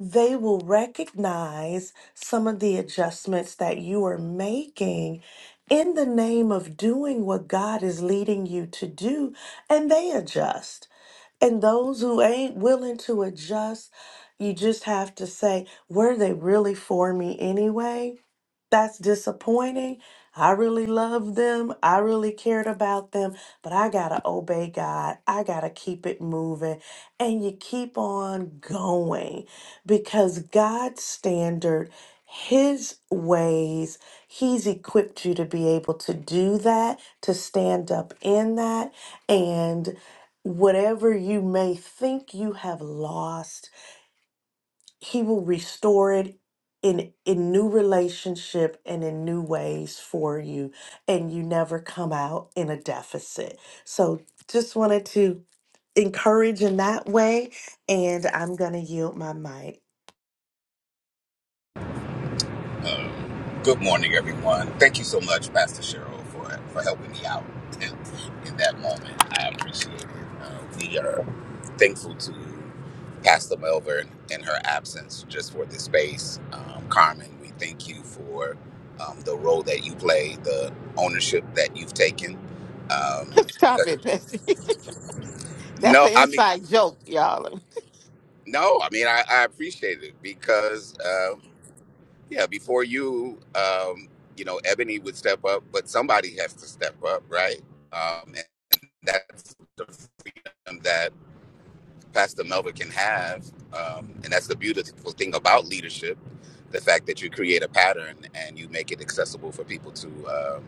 S12: they will recognize some of the adjustments that you are making in the name of doing what God is leading you to do, and they adjust. And those who ain't willing to adjust, you just have to say, were they really for me anyway? That's disappointing. I really loved them. I really cared about them, but I got to obey God. I got to keep it moving. And you keep on going because God's standard, His ways, He's equipped you to be able to do that, to stand up in that. And whatever you may think you have lost, he will restore it in in new relationship and in new ways for you and you never come out in a deficit so just wanted to encourage in that way and i'm going to yield my mic
S10: Um, good morning, everyone. Thank you so much, Pastor Cheryl, for, for helping me out in, in that moment. I appreciate it. Uh, we are thankful to Pastor Melvin in her absence just for the space. Um, Carmen, we thank you for um, the role that you play, the ownership that you've taken. Um,
S1: Stop it, Pastor. That's
S10: no,
S1: an
S10: I mean,
S1: inside joke, y'all.
S10: No, I mean I, I appreciate it because uh, yeah, before you, um, you know, Ebony would step up, but somebody has to step up, right? Um, and that's the freedom that Pastor Melvin can have. Um, and that's the beautiful thing about leadership the fact that you create a pattern and you make it accessible for people to um,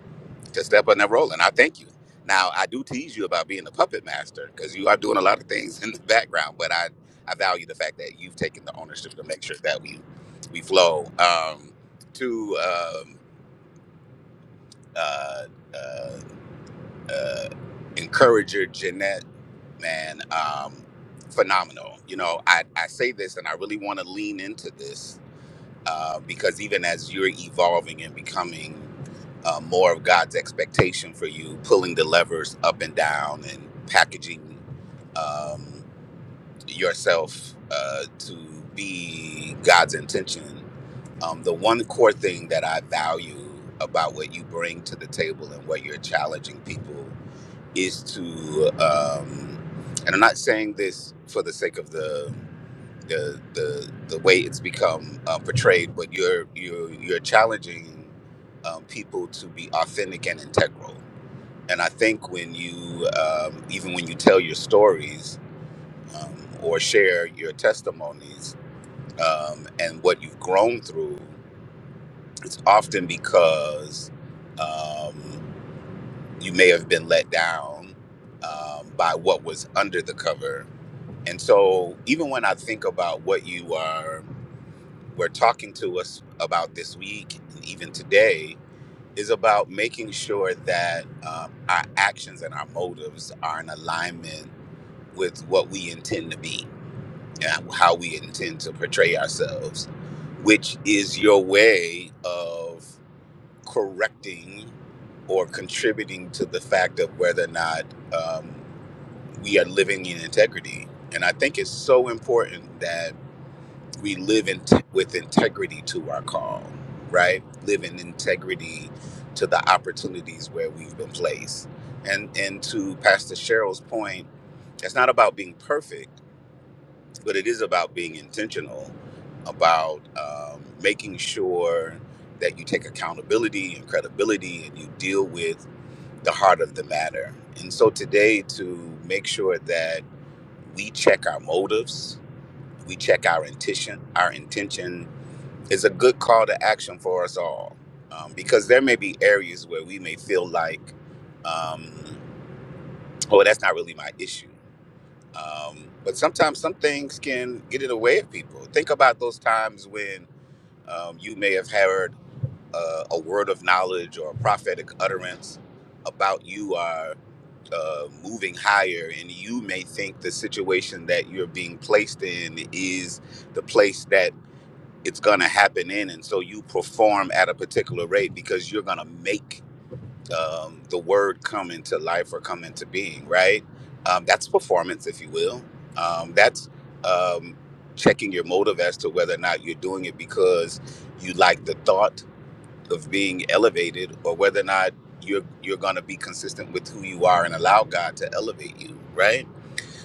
S10: to step on that role. And I thank you. Now, I do tease you about being the puppet master because you are doing a lot of things in the background, but I, I value the fact that you've taken the ownership to make sure that we we flow. Um, to um, uh, uh, uh, encourager, Jeanette, man, um, phenomenal. You know, I, I say this and I really want to lean into this uh, because even as you're evolving and becoming uh, more of God's expectation for you, pulling the levers up and down and packaging um, yourself uh, to be God's intention. Um, the one core thing that I value about what you bring to the table and what you're challenging people is to um and i'm not saying this for the sake of the the the, the way it's become uh, portrayed but you're you're you're challenging um, people to be authentic and integral and i think when you um, even when you tell your stories um, or share your testimonies um, and what you've grown through it's often because um, you may have been let down um, by what was under the cover And so, even when I think about what you are were talking to us about this week, and even today, is about making sure that um, our actions and our motives are in alignment with what we intend to be and how we intend to portray ourselves, which is your way of correcting or contributing to the fact of whether or not um, we are living in integrity. And I think it's so important that we live in t- with integrity to our call, right? Live in integrity to the opportunities where we've been placed. And and to Pastor Cheryl's point, it's not about being perfect, but it is about being intentional, about um, making sure that you take accountability and credibility, and you deal with the heart of the matter. And so today, to make sure that we check our motives, we check our intention, our intention is a good call to action for us all um, because there may be areas where we may feel like um, oh that's not really my issue um, but sometimes some things can get in the way of people think about those times when um, you may have heard uh, a word of knowledge or a prophetic utterance about you are uh, moving higher and you may think the situation that you're being placed in is the place that it's gonna happen in, and so you perform at a particular rate because you're gonna make um, the word come into life or come into being, right? Um, that's performance, if you will. Um, that's um, checking your motive as to whether or not you're doing it because you like the thought of being elevated, or whether or not you're you're gonna be consistent with who you are and allow God to elevate you, right?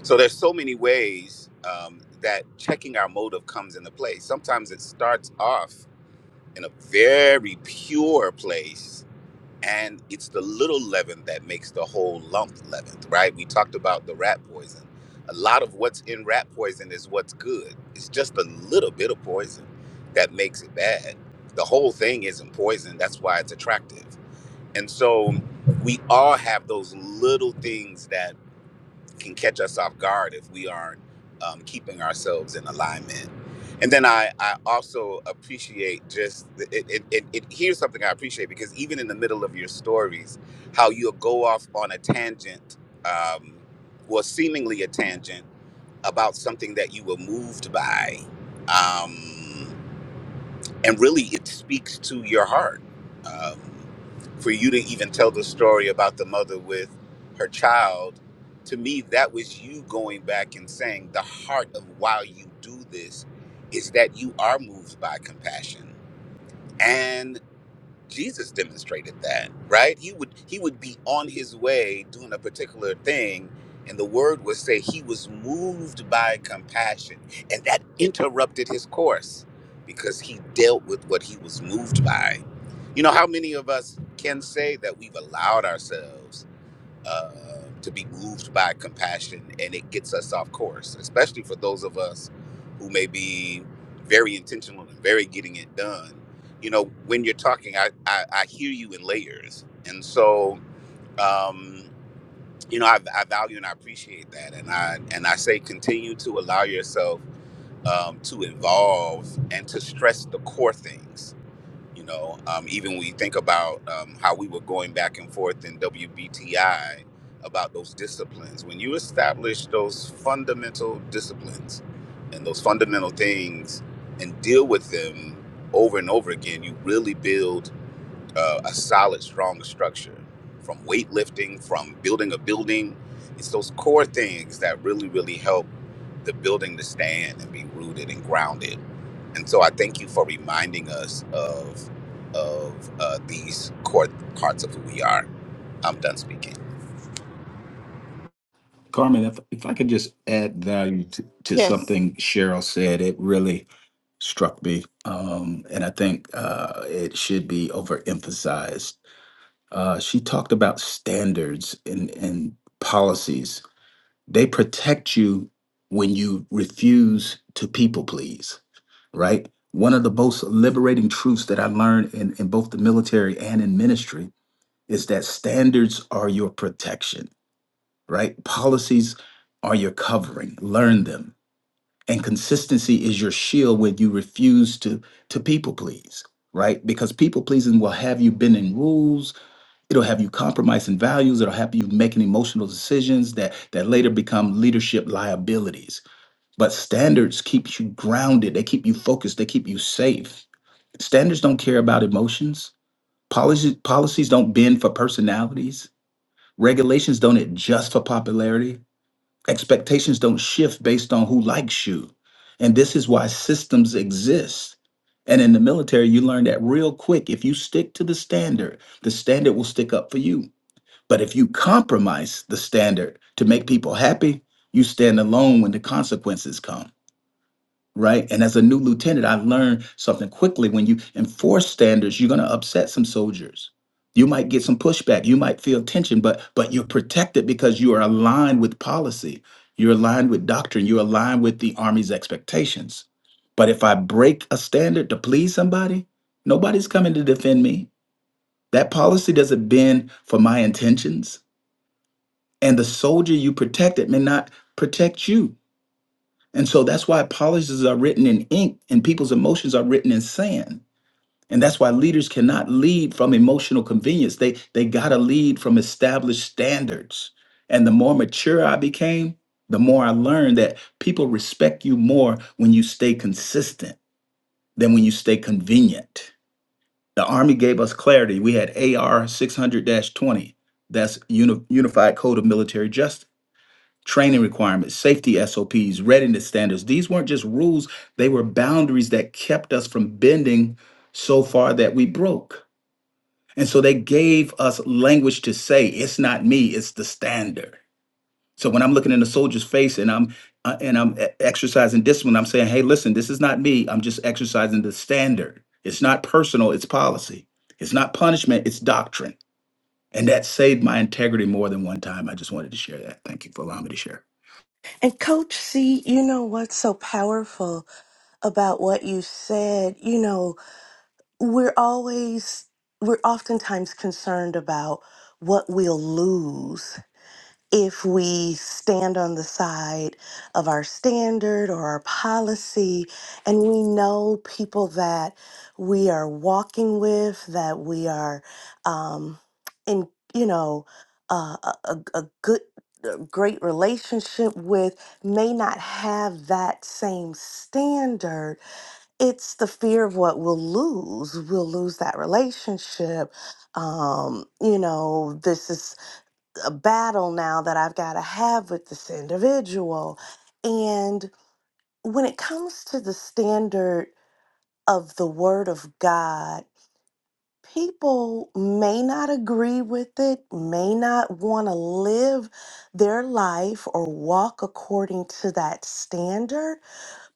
S10: So there's so many ways um, that checking our motive comes into play. Sometimes it starts off in a very pure place. And it's the little leaven that makes the whole lump leavened, right? We talked about the rat poison. A lot of what's in rat poison is what's good. It's just a little bit of poison that makes it bad. The whole thing isn't poison. That's why it's attractive. And so we all have those little things that can catch us off guard if we aren't um, keeping ourselves in alignment. And then I, I also appreciate just the- it, it, it, it. Here's something I appreciate because even in the middle of your stories, how you'll go off on a tangent, um, well, seemingly a tangent about something that you were moved by. Um, and really it speaks to your heart um, for you to even tell the story about the mother with her child to me that was you going back and saying the heart of why you do this is that you are moved by compassion and. Jesus demonstrated that, right? He would he would be on his way doing a particular thing, and the word would say he was moved by compassion, and that interrupted his course because he dealt with what he was moved by. You know how many of us can say that we've allowed ourselves uh, to be moved by compassion and it gets us off course, especially for those of us who may be very intentional and very getting it done. You know, when you're talking, I, I, I hear you in layers. And so, um, you know, I, I value and I appreciate that. And I, and I say continue to allow yourself um, to evolve and to stress the core things you know, um, even when you think about um, how we were going back and forth in WBTI about those disciplines, when you establish those fundamental disciplines and those fundamental things and deal with them over and over again, you really build uh, a solid, strong structure from weightlifting, from building a building. It's those core things that really, really help the building to stand and be rooted and grounded. And so I thank you for reminding us of of uh, these core parts of who we are. I'm done speaking.
S8: Carmen, if, if I could just add value to, to
S1: Yes.
S8: something Cheryl said, it really struck me. Um, and I think uh, it should be overemphasized. Uh, she talked about standards and, and policies. They protect you when you refuse to people please right? One of the most liberating truths that I learned in, in both the military and in ministry is that standards are your protection, right? Policies are your covering. Learn them. And consistency is your shield when you refuse to to people please, right? Because people pleasing will have you bending rules, it'll have you compromising values, it'll have you making emotional decisions that that later become leadership liabilities but standards keep you grounded. They keep you focused. They keep you safe. Standards don't care about emotions. Policies policies don't bend for personalities. Regulations don't adjust for popularity. Expectations don't shift based on who likes you. And this is why systems exist. And in the military, you learn that real quick. If you stick to the standard, the standard will stick up for you. But if you compromise the standard to make people happy, you stand alone when the consequences come right? And as a new lieutenant, I've learned something quickly. When you enforce standards, you're going to upset some soldiers. You might get some pushback. You might feel tension, but but you're protected because you are aligned with policy. You're aligned with doctrine. You're aligned with the army's expectations. But if I break a standard to please somebody, nobody's coming to defend me. That policy doesn't bend for my intentions. And the soldier you protected may not protect you. And so that's why policies are written in ink and people's emotions are written in sand. And that's why leaders cannot lead from emotional convenience. They they gotta lead from established standards. And the more mature I became, the more I learned that people respect you more when you stay consistent than when you stay convenient. The Army gave us clarity. We had AR 600 20. That's Uni- Unified Code of Military Justice training requirements, safety SOPs, readiness standards. These weren't just rules, they were boundaries that kept us from bending so far that we broke. And so they gave us language to say, it's not me, it's the standard. So when I'm looking in a soldier's face and I'm uh, and I'm e- exercising discipline, I'm saying, "Hey, listen, this is not me. I'm just exercising the standard. It's not personal, it's policy. It's not punishment, it's doctrine." And that saved my integrity more than one time. I just wanted to share that. Thank you for allowing me to share.
S12: and coach c you know what's so powerful about what you said you know we're always we're oftentimes concerned about what we'll lose if we stand on the side of our standard or our policy, and we know people that we are walking with, that we are um, in, you know, uh, a, a a good, great relationship with may not have that same standard. It's the fear of what we'll lose. We'll lose that relationship. Um, you know, this is a battle now that I've got to have with this individual. And when it comes to the standard of the Word of God, people may not agree with it, may not want to live their life or walk according to that standard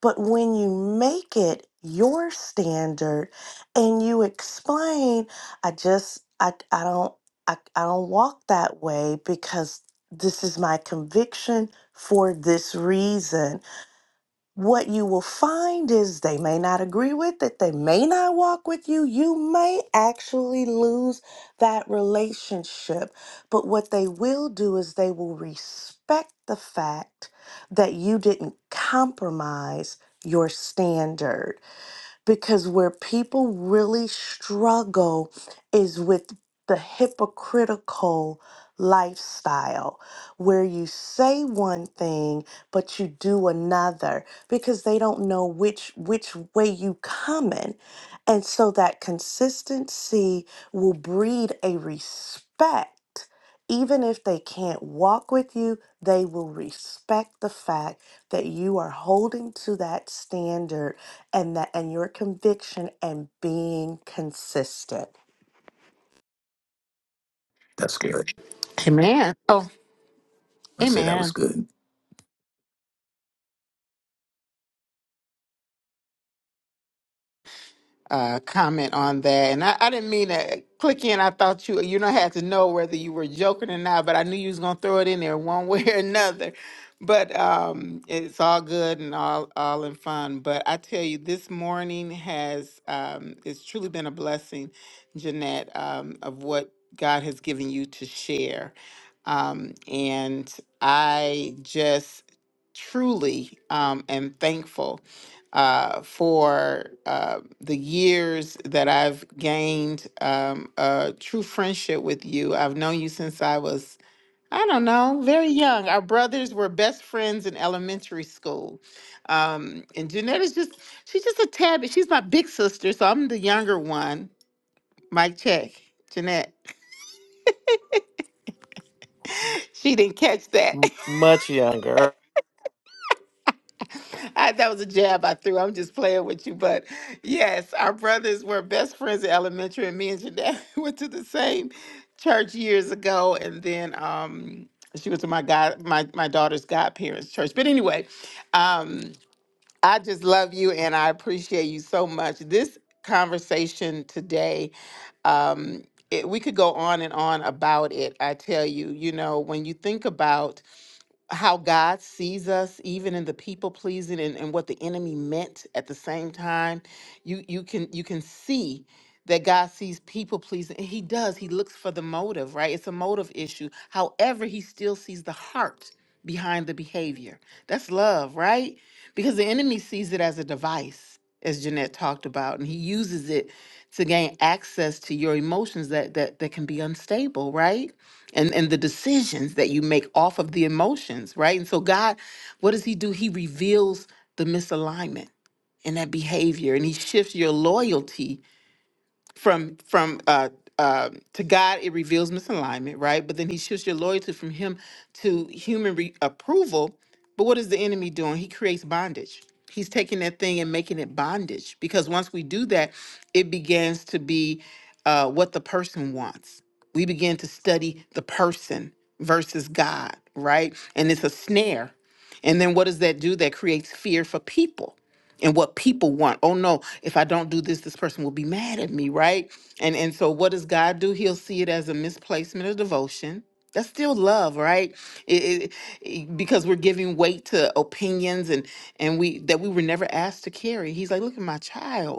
S12: but when you make it your standard and you explain, I just I I don't I, I don't walk that way because this is my conviction for this reason what you will find is they may not agree with it, they may not walk with you, you may actually lose that relationship. But what they will do is they will respect the fact that you didn't compromise your standards because where people really struggle is with the hypocritical lifestyle where you say one thing but you do another because they don't know which which way you coming and so that consistency will breed a respect even if they can't walk with you they will respect the fact that you are holding to that standard and that and your conviction and being consistent.
S8: That's scary.
S1: Amen. Oh,
S8: and say that
S1: amen.
S8: was good.
S1: uh, comment on that. And I, I didn't mean to click in. I thought you you don't have to know whether you were joking or not, but I knew you was gonna throw it in there one way or another. But um, it's all good and all all in fun. But I tell you, this morning has um, it's truly been a blessing, Jeanette, um, of what God has given you to share. Um, and I just truly um, am thankful uh, for uh, the years that I've gained um, a true friendship with you. I've known you since I was, I don't know, very young. Our brothers were best friends in elementary school. Um, and Jeanette is just, she's just a tad bit, she's my big sister, so I'm the younger one. Mike check. Jeanette, she didn't catch that.
S3: M- much younger.
S1: I, that was a jab I threw. I'm just playing with you. But yes, our brothers were best friends in elementary, and me and Jeanette went to the same church years ago. And then um, she was my god, my, my daughter's godparents' church. But anyway, um, I just love you and I appreciate you so much. This conversation today, um, it, we could go on and on about it. I tell you, you know, when you think about how God sees us, even in the people pleasing and, and what the enemy meant at the same time. You you can you can see that God sees people pleasing. and He does. He looks for the motive, right? It's a motive issue. However, he still sees the heart behind the behavior. That's love, right? Because the enemy sees it as a device, as Jeanette talked about, and he uses it to gain access to your emotions that that that can be unstable, right? and and the decisions that you make off of the emotions right and so god what does he do he reveals the misalignment in that behavior and he shifts your loyalty from from uh, uh, to God, it reveals misalignment, right? But then he shifts your loyalty from him to human re- approval. But what is the enemy doing? He creates bondage. He's taking that thing and making it bondage because once we do that, it begins to be uh, what the person wants. We begin to study the person versus God, right? And it's a snare. And then what does that do? That creates fear for people and what people want. Oh no, if I don't do this, this person will be mad at me, right? And and so what does God do? He'll see it as a misplacement of devotion. That's still love, right? It- it- it- because we're giving weight to opinions and and we that we were never asked to carry. He's like, look at my child.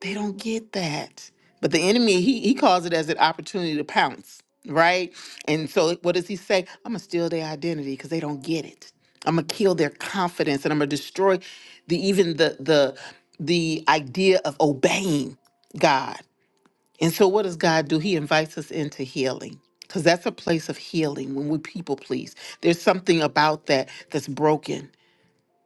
S1: They don't get that. But the enemy, he he calls it as an opportunity to pounce, right? And so what does he say? I'm gonna steal their identity because they don't get it. I'm gonna kill their confidence and I'm gonna destroy the even the the the idea of obeying God. And so what does God do? He invites us into healing. Because that's a place of healing when we people please. There's something about that that's broken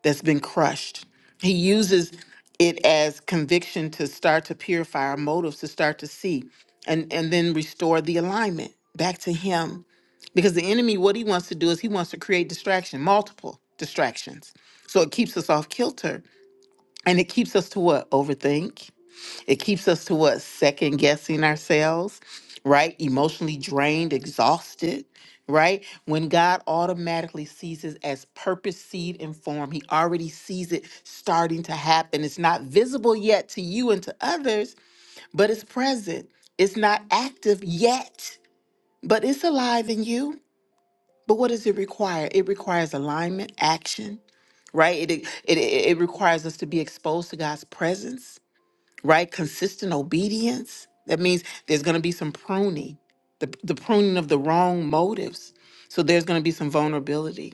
S1: that's been crushed. He uses it as conviction to start to purify our motives, to start to see and, and then restore the alignment back to Him. Because the enemy, what he wants to do is he wants to create distraction, multiple distractions. So it keeps us off kilter and it keeps us to what? Overthink. It keeps us to what? Second guessing ourselves, right? Emotionally drained, exhausted, right? When God automatically sees it as purpose, seed, and form, He already sees it starting to happen. It's not visible yet to you and to others, but it's present. It's not active yet, but it's alive in you. But what does it require? It requires alignment, action, right? It, it, it, it requires us to be exposed to God's presence right? Consistent obedience. That means there's going to be some pruning, the, the pruning of the wrong motives. So there's going to be some vulnerability.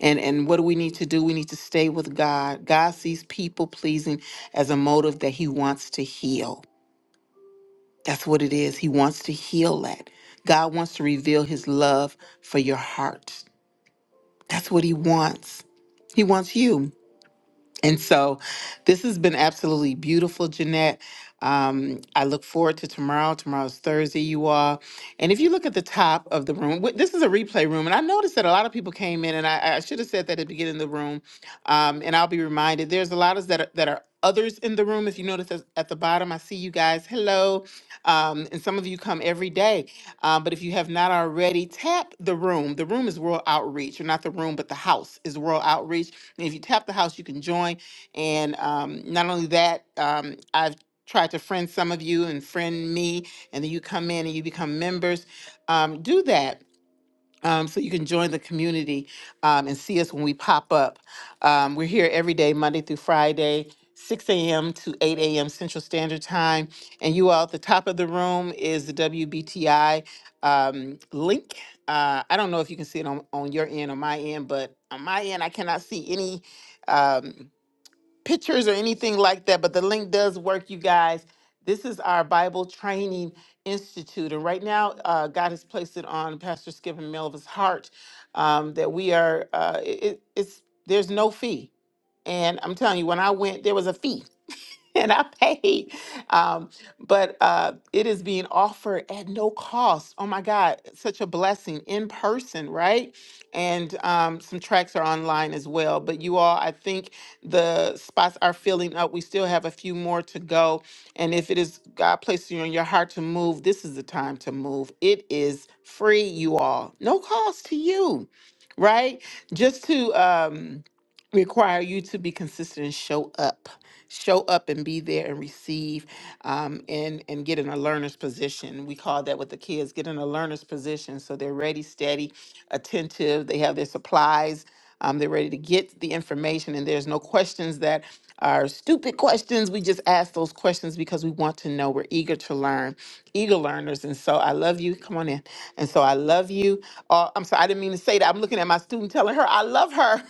S1: And, and what do we need to do? We need to stay with God. God sees people pleasing as a motive that He wants to heal. That's what it is. He wants to heal that. God wants to reveal His love for your heart. That's what He wants. He wants you. And so this has been absolutely beautiful, Jeanette. Um, I look forward to tomorrow. Tomorrow's Thursday, you all. And if you look at the top of the room, wh- this is a replay room. And I noticed that a lot of people came in, and I, I should have said that at the beginning of the room. Um, and I'll be reminded there's a lot of that are, that are others in the room. If you notice us at the bottom, I see you guys. Hello. Um, and some of you come every day. Um, but if you have not already, tap the room. The room is World Outreach, or not the room, but the house is World Outreach and if you tap the house, you can join. And um, not only that, um, I've tried to friend some of you and friend me, and then you come in and you become members. Um, do that um, so you can join the community um, and see us when we pop up. Um, we're here every day, Monday through Friday, 6 a.m. to 8 a.m. Central Standard Time. And you all at the top of the room is the WBTI um, link. Uh, I don't know if you can see it on, on your end or my end, but on my end, I cannot see any. Um, pictures or anything like that, but the link does work, you guys. This is our Bible Training Institute. And right now, uh, God has placed it on Pastor Skip and Melva's heart um, that we are, uh, it, it's, there's no fee. And I'm telling you, when I went, there was a fee and I paid. Um, but uh, it is being offered at no cost. Oh my God, such a blessing in person, right? And um, some tracks are online as well. But you all, I think the spots are filling up. We still have a few more to go. And if it is God placing you in your heart to move, this is the time to move. It is free, you all, no cost to you, right? Just to um, require you to be consistent and show up show up and be there and receive um, and and get in a learner's position. We call that with the kids get in a learner's position, so they're ready, steady, attentive. They have their supplies. Um, they're ready to get the information, and there's no questions that are stupid questions. We just ask those questions because we want to know. We're eager to learn, eager learners. And so I love you. Come on in. And so I love you. Oh, I'm sorry, I didn't mean to say that. I'm looking at my student telling her I love her.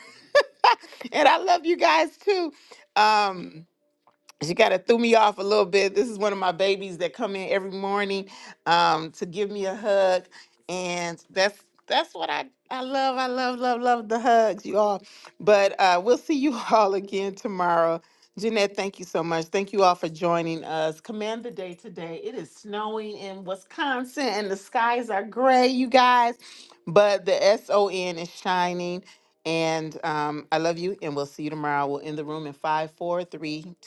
S1: and I love you guys too. Um, she kind of threw me off a little bit. This is one of my babies that come in every morning um, to give me a hug, and that's that's what I I love. I love love love the hugs, you all. But uh, we'll see you all again tomorrow. Jeanette, thank you so much. Thank you all for joining us. Command the day today. It is snowing in Wisconsin, and the skies are gray, you guys. But the S O N is shining. And um, I love you, and we'll see you tomorrow. We'll end the room in five, four, three, two.